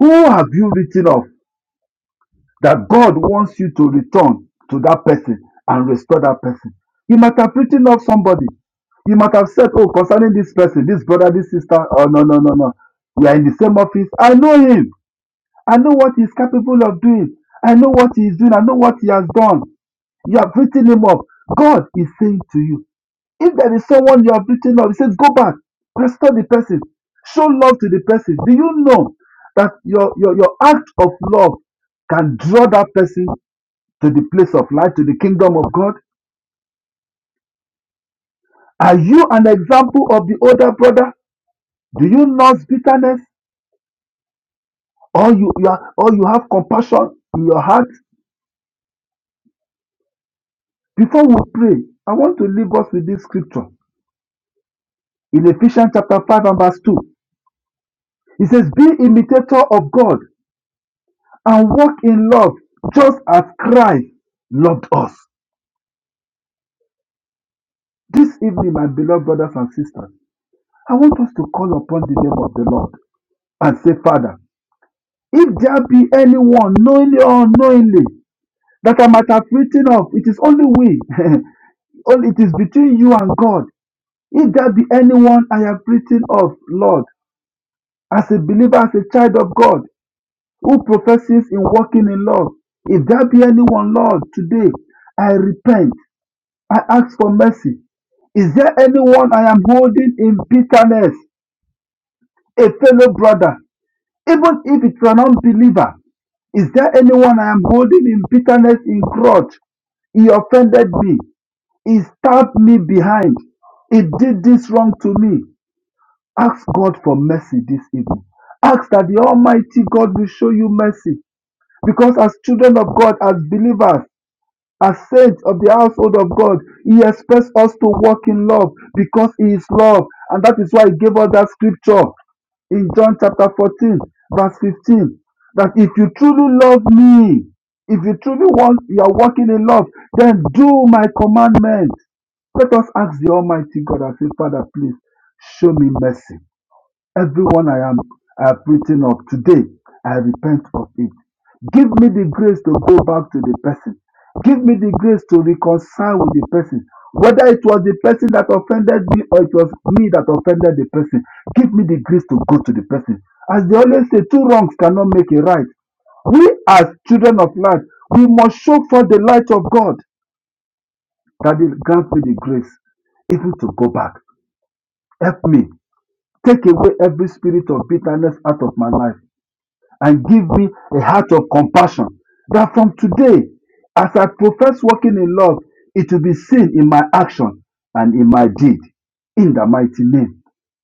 Speaker 9: who have you written off that God wants you to return to that person and restore that person. You might have written off somebody. You might have said, Oh, concerning this person, this brother, this sister, oh, no, no, no, no. We are in the same office. I know him. I know what he's capable of doing. I know what he is doing. I know what he has done. You have written him up. God is saying to you, if there is someone you have written off, he says, Go back, restore the person, show love to the person. Do you know that your, your, your act of love can draw that person to the place of light, to the kingdom of God? Are you an example of the older brother? Do you nurse bitterness? Or you, you are, or you have compassion in your heart? Before we pray, I want to leave us with this scripture in Ephesians chapter 5 and verse 2. It says, Be imitator of God and walk in love, just as Christ loved us. This evening, my beloved brothers and sisters, I want us to call upon the name of the Lord and say, Father, if there be anyone knowingly or unknowingly that I might have written of. It is only we. only it is between you and God. If there be anyone I have written of, Lord, as a believer, as a child of God, who professes in walking in love, if there be anyone, Lord, today, I repent. I ask for mercy. Is there anyone I am holding in bitterness, a fellow brother, even if it's an unbeliever? Is there anyone I am holding in bitterness, in grudge? He offended me. He stabbed me behind. He did this wrong to me. Ask God for mercy this evening. Ask that the Almighty God will show you mercy. Because as children of God, as believers, as saints of the household of God, He expects us to walk in love because He is love. And that is why He gave us that scripture in John chapter 14, verse 15, that if you truly love me, if you truly want, you are walking in love, then do my commandments. Let us ask the Almighty God and say, Father, please show me mercy. Everyone I am I have written up today, I repent of it. Give me the grace to go back to the person. Give me the grace to reconcile with the person. Whether it was the person that offended me or it was me that offended the person, give me the grace to go to the person. As they always say, two wrongs cannot make a right. We, as children of light, we must show forth the light of God that it grants me the grace even to go back Help me take away every spirit of bitterness out of my life and give me a heart of compassion that from today, as I profess walking in love, it will be seen in my action and in my deed. In the mighty name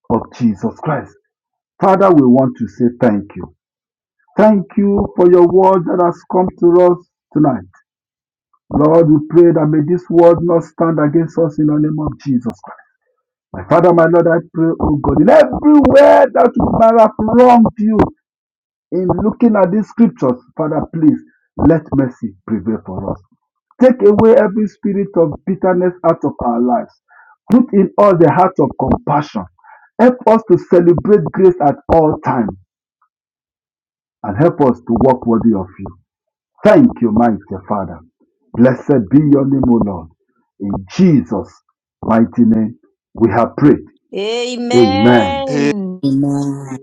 Speaker 9: of Jesus Christ. Father, we want to say thank you. Thank you for your word that has come to us tonight. Lord, we pray that may this word not stand against us in the name of Jesus Christ. My Father, my Lord, I pray, oh God, in everywhere that we might have wronged you in looking at these scriptures, Father, please let mercy prevail for us. Take away every spirit of bitterness out of our lives. Put in us the heart of compassion. Help us to celebrate grace at all times and help us to walk worthy of you. Thank you, mighty Father. Blessed be your name, O Lord. In Jesus' mighty name, we have prayed. Amen.
Speaker 11: Hey,
Speaker 12: Amen.
Speaker 7: Amen.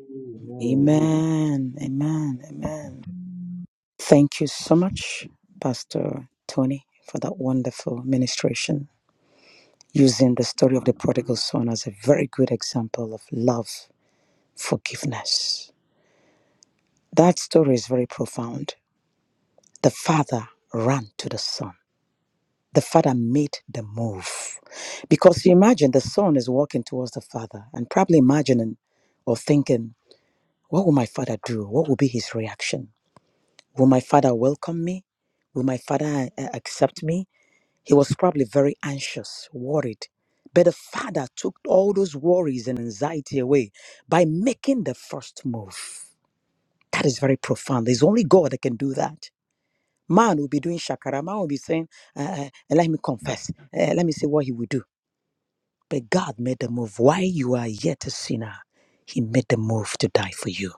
Speaker 7: Amen. Amen. Amen. Thank you so much, Pastor Tony, for that wonderful ministration using the story of the prodigal son as a very good example of love, forgiveness. That story is very profound. The father ran to the son. The father made the move. Because you imagine the son is walking towards the father and probably imagining or thinking, what will my father do? What will be his reaction? Will my father welcome me? Will my father uh, accept me? He was probably very anxious, worried. But the father took all those worries and anxiety away by making the first move. That is very profound. There's only God that can do that. Man will be doing shakara. Man will be saying, uh, uh, uh, let me confess. Uh, let me see what he will do. But God made the move. While you are yet a sinner, he made the move to die for you.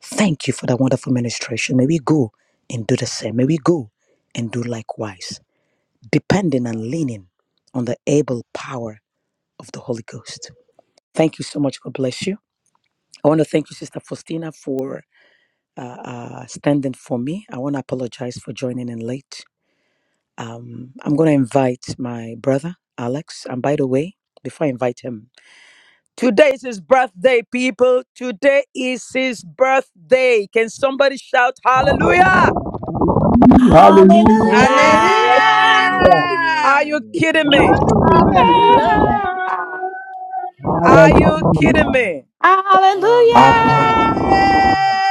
Speaker 7: Thank you for that wonderful ministration. May we go and do the same. May we go and do likewise depending and leaning on the able power of the Holy Ghost. Thank you so much. God bless you. I want to thank you, Sister Faustina, for uh, uh, standing for me. I want to apologize for joining in late. Um, I'm going to invite my brother, Alex. And by the way, before I invite him, today is his birthday, people. Today is his birthday. Can somebody shout hallelujah?
Speaker 5: Hallelujah.
Speaker 9: Hallelujah.
Speaker 4: Amen.
Speaker 13: Hallelujah!
Speaker 12: Hallelujah.
Speaker 7: Are you
Speaker 4: Hallelujah.
Speaker 7: kidding me?
Speaker 12: Glory. Glory
Speaker 14: Hallelujah.
Speaker 7: Are you kidding
Speaker 9: Hallelujah.
Speaker 7: me?
Speaker 5: Hallelujah.
Speaker 4: Hallelujah.
Speaker 13: Hallelujah!
Speaker 9: Hallelujah.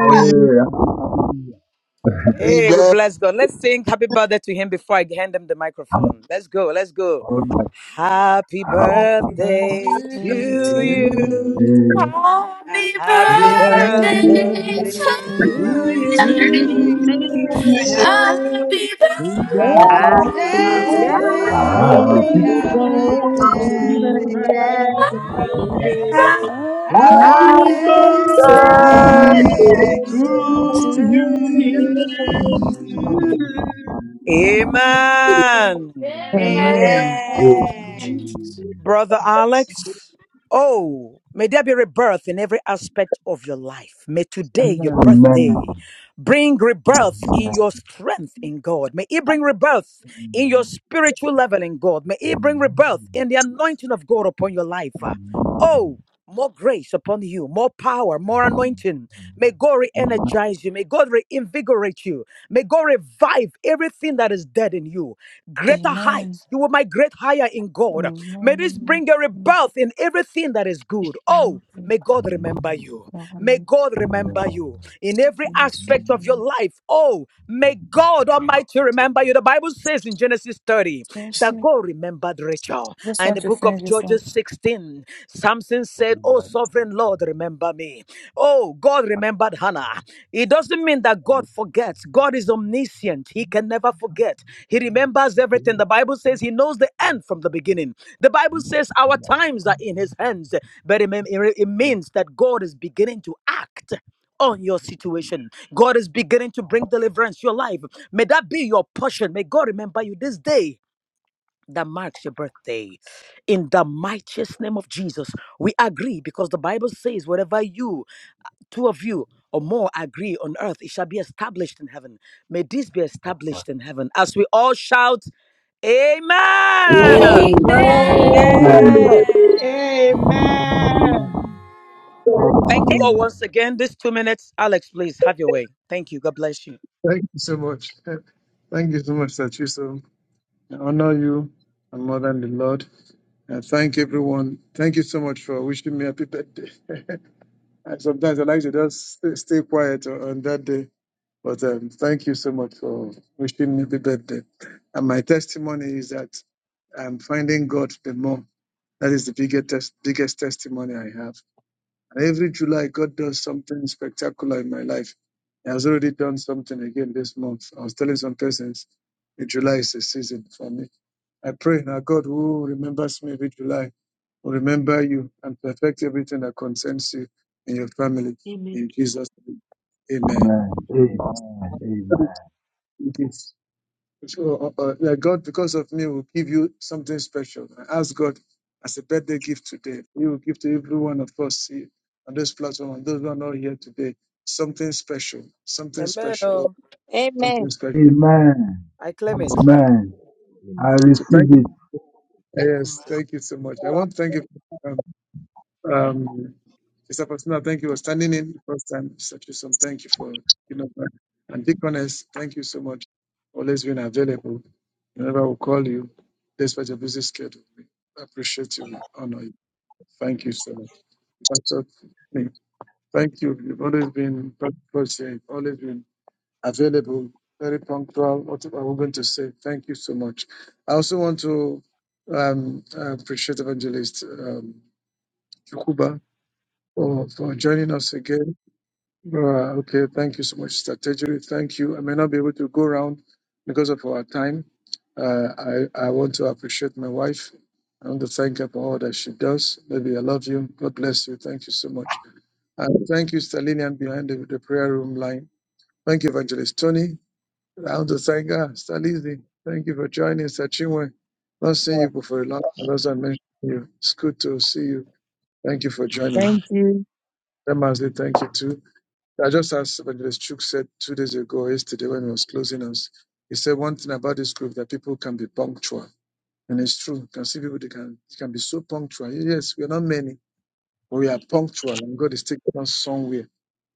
Speaker 9: Hey, hallelujah.
Speaker 11: you
Speaker 7: Hey, we
Speaker 11: better
Speaker 7: bless God. Let's sing happy birthday to him before I hand him the
Speaker 9: I'm
Speaker 7: microphone. Let's go. Let's go.
Speaker 9: on my
Speaker 7: Happy
Speaker 9: happy,
Speaker 2: Happy
Speaker 4: Thank
Speaker 13: Happy
Speaker 4: you.
Speaker 7: birthday
Speaker 13: to
Speaker 2: birthday
Speaker 15: Happy
Speaker 2: to
Speaker 7: to
Speaker 15: birthday
Speaker 2: you.
Speaker 7: you.
Speaker 13: you.
Speaker 4: Hallelujah.
Speaker 5: Happy
Speaker 13: Happy
Speaker 7: Happy
Speaker 14: Glory be
Speaker 5: birthday
Speaker 2: Happy
Speaker 7: birthday
Speaker 14: glory
Speaker 5: to
Speaker 14: to
Speaker 13: birthday
Speaker 14: you.
Speaker 15: to
Speaker 13: to
Speaker 2: birthday
Speaker 4: Hallelujah.
Speaker 5: you.
Speaker 2: to
Speaker 7: to you.
Speaker 16: Happy
Speaker 12: to
Speaker 2: you.
Speaker 15: you.
Speaker 13: you.
Speaker 11: get
Speaker 5: Happy
Speaker 12: you.
Speaker 5: birthday. Happy birthday.
Speaker 15: Happy birthday. Happy
Speaker 11: on
Speaker 13: Happy
Speaker 2: Happy
Speaker 12: Happy
Speaker 15: birthday.
Speaker 14: Happy
Speaker 16: birthday
Speaker 2: birthday,
Speaker 12: birthday.
Speaker 14: birthday,
Speaker 13: birthday,
Speaker 15: Happy
Speaker 9: happy
Speaker 2: happy
Speaker 14: happy
Speaker 13: happy
Speaker 15: birthday
Speaker 2: birthday,
Speaker 14: birthday,
Speaker 13: birthday,
Speaker 17: Amen.
Speaker 18: Hi.
Speaker 2: happy
Speaker 13: happy
Speaker 12: Happy
Speaker 14: happy
Speaker 5: to
Speaker 2: birthday
Speaker 14: birthday
Speaker 13: birthday
Speaker 12: birthday
Speaker 15: to
Speaker 16: to
Speaker 13: to
Speaker 12: to
Speaker 2: to
Speaker 15: you.
Speaker 14: to you.
Speaker 2: you.
Speaker 12: you.
Speaker 4: Amen.
Speaker 13: you.
Speaker 7: Amen.
Speaker 2: Thank
Speaker 16: you.
Speaker 2: you,
Speaker 5: you.
Speaker 13: Amen.
Speaker 2: Jesus.
Speaker 7: Brother Alex, oh, may there be rebirth in every aspect of your life. May today, your
Speaker 17: Amen.
Speaker 9: Amen.
Speaker 7: birthday, bring rebirth in your strength in God. May it bring rebirth in
Speaker 9: Amen.
Speaker 7: your spiritual level in God. May it bring rebirth
Speaker 9: Amen.
Speaker 7: in the anointing of God upon your life. Ah,
Speaker 9: Amen.
Speaker 7: Oh, more grace upon you, more power, more
Speaker 9: Amen.
Speaker 7: anointing. May God re energize you. May God reinvigorate you. May God revive everything that is dead in you greater
Speaker 2: Amen.
Speaker 7: heights. You will migrate higher in God. May this bring a
Speaker 2: Amen.
Speaker 7: rebirth in everything that is good. Oh, May God remember you. May
Speaker 2: Johanna,
Speaker 7: God
Speaker 2: Lord,
Speaker 7: remember you in every
Speaker 2: in this
Speaker 7: aspect of your
Speaker 2: room.
Speaker 7: life. Oh, may God Almighty remember you. The Bible says in Genesis 30 that
Speaker 2: Seriously,
Speaker 7: God remembered Rachel.
Speaker 2: just
Speaker 7: And
Speaker 2: want
Speaker 7: the
Speaker 2: to
Speaker 7: book of
Speaker 2: finish this one.
Speaker 7: Judges 16 sin. Samson said, Oh, sovereign Lord, remember me. Oh, God remembered Hannah. It doesn't mean that God forgets. God is omniscient. He can never forget. He remembers everything. The Bible says He knows the end from the beginning. The Bible says our times are in His hands, but it mean- it means that God is beginning to act on your situation. God is beginning to bring deliverance to your life. May that be your portion. May God remember you this day that marks your birthday. In the mightiest name of Jesus, we agree because the Bible says, wherever you two of you or more agree on earth, it shall be established in heaven. May this be established in heaven. As we all shout, Amen.
Speaker 5: Amen.
Speaker 4: Amen.
Speaker 9: Amen.
Speaker 12: Amen.
Speaker 15: Amen.
Speaker 13: Amen.
Speaker 14: Amen.
Speaker 4: Amen. Amen. Amen.
Speaker 7: Thank you all
Speaker 4: Amen.
Speaker 7: once again. These two minutes, Alex, please have your way. Thank you. God bless you.
Speaker 1: thank you so much. Thank you so much, Sachi. So I honor you and more than the Lord. Uh, thank everyone. Thank you so much for wishing me happy birthday. And Sometimes I like to just stay, stay quiet o- on that day, but um, thank you so much for wishing me happy birthday. And my testimony is that I'm finding God the more. That is the biggest tes- biggest testimony I have. And every July, God does something spectacular in my life. He has already done something again this month. I was telling some persons, July is a season for me I pray now, God who remembers me every July, will remember you and perfect everything that concerns you and your family. In Jesus' name, amen.
Speaker 4: Amen.
Speaker 1: It is- So, uh, uh, that God, because of me, will give you something special. I ask God as a birthday gift today. He will give to every one of us here on this platform and those who are not here today something special, something
Speaker 7: Amen.
Speaker 1: special,
Speaker 7: Oh,
Speaker 1: something special.
Speaker 7: I claim it.
Speaker 1: So,
Speaker 9: Amen. I
Speaker 4: Amen.
Speaker 1: so thank
Speaker 9: receive
Speaker 1: you.
Speaker 9: it.
Speaker 1: Yes,
Speaker 11: my
Speaker 1: thank you so much. I want to thank you. For, Um, Sister Faustina, thank you for standing in the first time. Sister some thank you for, you know, and and Deaconess, thank you so much. for Always being available. Whenever we call you, despite your busy schedule, we appreciate you. We honor you. Thank you so much. That's all. Thank you. You've always been practical, so you've always been available, very punctual. What I was going to say, thank you so much. I also want to um, appreciate Evangelist um, Chukwuka for, for joining us again. Uh, okay, thank you so much, strategy. Thank you. I may not be able to go around because of our time. Uh, I, I want to appreciate my wife. I want to thank her for all that she does. Maybe I love you. God bless you. Thank you so much. And thank you, Stalinian, behind the, the prayer room line. Thank you, Evangelist Tony. I want to thank her, Stalizi. Thank you for joining, Sachinwe. Not seeing you before a long time. As I mentioned you, it's good to see you. Thank you for joining.
Speaker 17: Thank you.
Speaker 1: Damazi, thank you too. I just as Evangelist Chuk said two days ago, or yesterday when he was closing us, he said one thing about this group that people can be punctual. And it's true. You can see people they can they can be so punctual. Yes, we're not many. But We are punctual and God is taking us somewhere.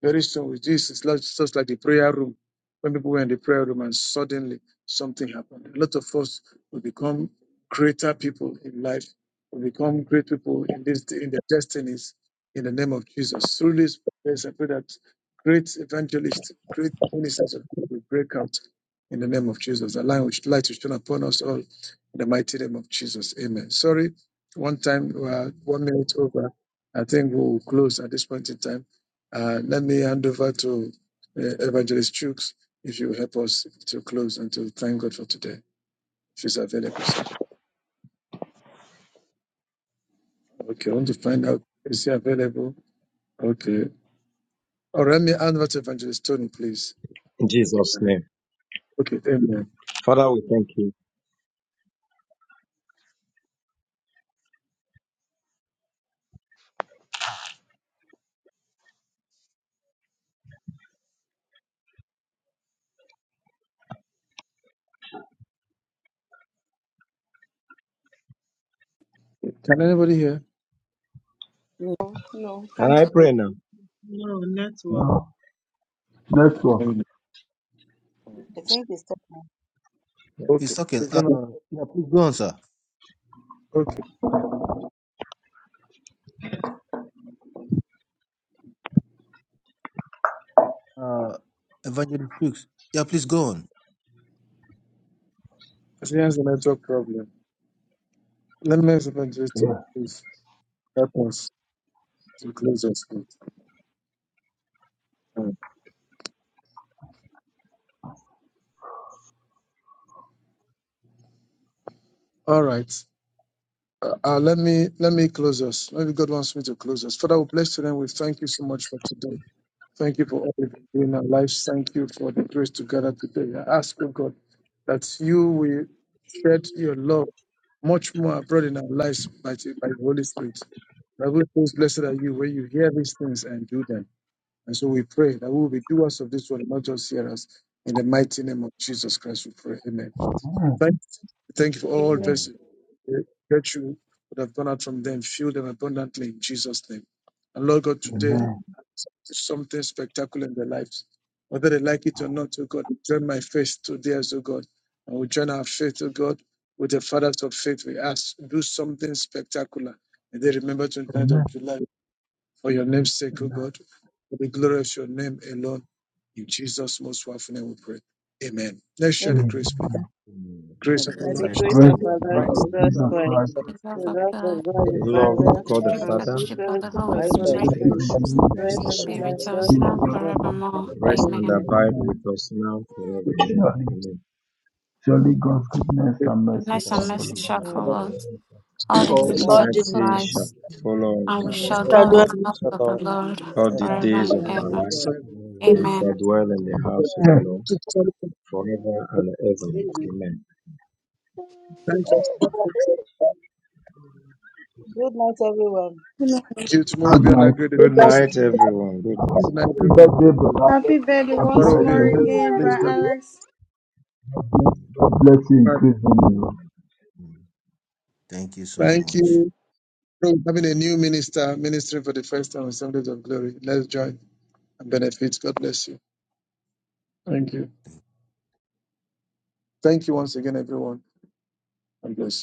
Speaker 1: Very soon with Jesus, it's just like the prayer room. When people were in the prayer room and suddenly something happened. A lot of us will become greater people in life, will become great people in this in their destinies in the name of Jesus. Through this prayers, I pray that great evangelists, great ministers of God will break out in the name of Jesus. The light which light which shine upon us all in the mighty name of Jesus. Amen. Sorry, one time we are one minute over. I think we'll close at this point in time. Uh, let me hand over to uh, Evangelist Chooks if you help us to close and to thank God for today. If he's available, sir. Okay, I want to find out is he available? Okay. Or let me hand over to Evangelist Tony, please.
Speaker 15: In
Speaker 1: Okay,
Speaker 15: Jesus' name.
Speaker 1: amen.
Speaker 15: Father, we thank you.
Speaker 1: Can anybody hear?
Speaker 7: Mm.
Speaker 13: Oh No,
Speaker 15: Can
Speaker 13: can't
Speaker 15: I
Speaker 13: be
Speaker 15: pray now?
Speaker 14: No network.
Speaker 9: No network.
Speaker 1: Amen.
Speaker 10: I think it's time.
Speaker 4: He's
Speaker 1: Okay.
Speaker 4: talking.
Speaker 1: Is
Speaker 4: Uh,
Speaker 1: there no-
Speaker 4: yeah, please go on, sir.
Speaker 1: Okay.
Speaker 4: Uh, Evangelist Fuchs. Yeah, please go on.
Speaker 1: I think there's a network problem. Let me ask Evangelist Tony,
Speaker 9: Yeah.
Speaker 1: please help us to close us. please. All right. Uh, uh, let me let me close us. Maybe God wants me to close us. Father, we bless you and we thank you so much for today. Thank you for all you do in our lives. Thank you for the grace to gather today. I ask, oh God, that you will shed your love much more abroad in our lives by, the- by the Holy Spirit. Bible says, Blessed are you when you hear these things and do them. And so we pray that we will be doers of this word, not just hearers. In the mighty name of Jesus Christ, we pray. Amen.
Speaker 9: Amen.
Speaker 1: Thank, thank you for all
Speaker 12: Amen.
Speaker 4: Amen.
Speaker 1: verses. The virtue would have gone out from them, fuel them abundantly in Jesus' name. And Lord God, today,
Speaker 10: Amen.
Speaker 9: Amen.
Speaker 1: something spectacular in their lives. Whether they like it or not, oh God, join my faith today as oh God. And we join our faith, oh God, with the fathers of faith. We ask, do something spectacular. And they remember twenty ninth
Speaker 9: Amen.
Speaker 1: of July for your name's sake, oh
Speaker 9: Amen.
Speaker 1: God, for the glory of your name alone. In Jesus' most powerful name we pray. Amen. Let's share
Speaker 10: Amen
Speaker 1: the grace, please.
Speaker 9: Amen.
Speaker 4: Amen.
Speaker 7: And
Speaker 1: Grace
Speaker 7: the
Speaker 1: of our
Speaker 12: May
Speaker 7: grace
Speaker 12: the
Speaker 1: Lord
Speaker 7: of
Speaker 4: May
Speaker 7: our
Speaker 9: The
Speaker 4: the
Speaker 1: Jesus
Speaker 12: grace
Speaker 7: Lord
Speaker 9: grace
Speaker 12: of
Speaker 4: grace of
Speaker 12: our
Speaker 7: Jesus
Speaker 9: of
Speaker 4: our
Speaker 9: our
Speaker 14: My
Speaker 12: Lord
Speaker 4: Lord
Speaker 7: Christ,
Speaker 9: Lord
Speaker 14: God, of
Speaker 12: Jesus
Speaker 14: our
Speaker 4: Jesus
Speaker 9: Jesus
Speaker 14: Lord
Speaker 4: Christ,
Speaker 9: Christ,
Speaker 12: Christ,
Speaker 7: the Lord
Speaker 5: The
Speaker 14: Jesus
Speaker 12: the
Speaker 5: love of
Speaker 14: Christ,
Speaker 12: love of
Speaker 5: God,
Speaker 9: the
Speaker 12: God
Speaker 7: of
Speaker 15: The
Speaker 12: the
Speaker 4: the
Speaker 9: love of
Speaker 15: love
Speaker 4: love,
Speaker 9: God,
Speaker 15: of
Speaker 7: God,
Speaker 12: Father,
Speaker 5: the
Speaker 14: the
Speaker 15: God the
Speaker 14: love of
Speaker 5: strict
Speaker 12: and
Speaker 15: Father
Speaker 12: sweet
Speaker 4: joy,
Speaker 5: fellowship
Speaker 14: God.
Speaker 5: of the
Speaker 12: fellowship
Speaker 4: and the
Speaker 9: the
Speaker 5: Holy
Speaker 12: of
Speaker 7: and
Speaker 12: the
Speaker 4: sweet
Speaker 7: the
Speaker 15: and
Speaker 4: fellowship
Speaker 7: Lord
Speaker 12: Holy
Speaker 15: the
Speaker 7: of
Speaker 5: Spirit
Speaker 4: of
Speaker 14: I'm so
Speaker 4: the
Speaker 9: fellowship of
Speaker 12: Spirit,
Speaker 9: the
Speaker 14: grateful
Speaker 15: fellowship
Speaker 4: Holy
Speaker 9: Holy
Speaker 15: of the
Speaker 14: for
Speaker 4: Spirit,
Speaker 14: the
Speaker 12: rest
Speaker 15: Holy
Speaker 13: personal
Speaker 9: Spirit,
Speaker 14: Holy
Speaker 12: and
Speaker 5: be
Speaker 13: God.
Speaker 15: Spirit
Speaker 12: abide
Speaker 5: with
Speaker 12: with
Speaker 14: Spirit.
Speaker 9: be
Speaker 12: us
Speaker 5: us
Speaker 12: now
Speaker 5: now
Speaker 9: with
Speaker 5: and
Speaker 12: and
Speaker 9: us
Speaker 12: forever.
Speaker 4: rest
Speaker 9: now
Speaker 14: We
Speaker 4: and
Speaker 9: and
Speaker 14: have
Speaker 5: forevermore.
Speaker 4: rule
Speaker 14: been
Speaker 4: in
Speaker 15: Rest
Speaker 9: forevermore.
Speaker 4: us
Speaker 15: and
Speaker 14: personal
Speaker 5: Amen.
Speaker 4: now.
Speaker 15: abide
Speaker 14: bonding,
Speaker 9: Amen.
Speaker 4: Amen.
Speaker 15: with us now forevermore. Amen.
Speaker 9: Surely.
Speaker 15: Amen.
Speaker 9: Surely God's goodness and mercy
Speaker 4: Thanks
Speaker 5: Goodness and
Speaker 4: and
Speaker 9: shall
Speaker 13: Message
Speaker 9: follow
Speaker 5: mercy
Speaker 4: mercy
Speaker 13: of
Speaker 9: us.
Speaker 4: to
Speaker 5: shall
Speaker 7: God,
Speaker 4: the
Speaker 7: the Lord
Speaker 13: God.
Speaker 5: follow
Speaker 4: Lord,
Speaker 5: us all
Speaker 13: All
Speaker 5: the
Speaker 13: that
Speaker 4: all
Speaker 7: of
Speaker 4: the
Speaker 15: His
Speaker 10: For
Speaker 7: God,
Speaker 4: days
Speaker 5: days
Speaker 10: all
Speaker 19: all
Speaker 5: of
Speaker 10: the
Speaker 5: our
Speaker 4: of
Speaker 14: intimate
Speaker 15: mercy
Speaker 4: our life,
Speaker 15: shall
Speaker 5: lives,
Speaker 14: relationships, and
Speaker 4: and
Speaker 15: follow
Speaker 5: and
Speaker 4: for
Speaker 15: us
Speaker 14: love
Speaker 5: we
Speaker 7: We
Speaker 4: the
Speaker 9: are
Speaker 14: with
Speaker 7: should
Speaker 13: we
Speaker 5: shall
Speaker 9: from
Speaker 4: world
Speaker 7: really
Speaker 13: should
Speaker 5: dwell
Speaker 4: in
Speaker 7: thank
Speaker 13: go
Speaker 10: decoration.
Speaker 5: in
Speaker 19: digital
Speaker 5: the
Speaker 7: the
Speaker 14: we
Speaker 5: house
Speaker 4: Jesus.
Speaker 7: house of
Speaker 14: shall
Speaker 7: the
Speaker 5: of
Speaker 14: dwell
Speaker 5: the
Speaker 7: Lord
Speaker 14: in the
Speaker 5: Lord
Speaker 13: to
Speaker 15: all the
Speaker 7: forever and
Speaker 5: forever
Speaker 15: days
Speaker 5: and
Speaker 15: of our
Speaker 4: Father,
Speaker 5: ever.
Speaker 15: life.
Speaker 1: Christ,
Speaker 14: forever
Speaker 4: Lord,
Speaker 15: We
Speaker 13: Amen.
Speaker 15: shall
Speaker 5: Amen.
Speaker 15: dwell in the
Speaker 4: Father,
Speaker 15: house of the
Speaker 9: Eh,
Speaker 15: Lord
Speaker 1: the Son of God,
Speaker 15: forever and ever.
Speaker 14: Amen.
Speaker 15: Amen.
Speaker 1: Thanks for stopping. Thank
Speaker 14: Amen.
Speaker 10: Good night, everyone.
Speaker 1: you. Tomorrow will be
Speaker 9: Good
Speaker 1: another
Speaker 9: night.
Speaker 1: great day to
Speaker 15: Good
Speaker 19: wellbeing.
Speaker 1: place it.
Speaker 15: night, everyone. Good night.
Speaker 9: Happy
Speaker 1: Good night,
Speaker 9: happy
Speaker 1: everyone.
Speaker 9: birthday,
Speaker 4: Lord,
Speaker 9: brother.
Speaker 13: Happy birthday
Speaker 9: Happy
Speaker 13: once
Speaker 1: Tomorrow will be a
Speaker 13: more
Speaker 4: Pastor
Speaker 9: birthday.
Speaker 1: great
Speaker 4: Tony.
Speaker 13: again,
Speaker 1: place.
Speaker 13: Brother
Speaker 1: That,
Speaker 12: Amen.
Speaker 13: Alex.
Speaker 9: God bless you
Speaker 1: all right.
Speaker 9: increasingly.
Speaker 4: Mm. Thank you so
Speaker 1: Thank
Speaker 4: much.
Speaker 1: you. So, We're having a new minister ministering for the first time on Sundays of Glory. Let's join and benefit. God bless you. Thank you. Thank you once again, everyone. God bless you.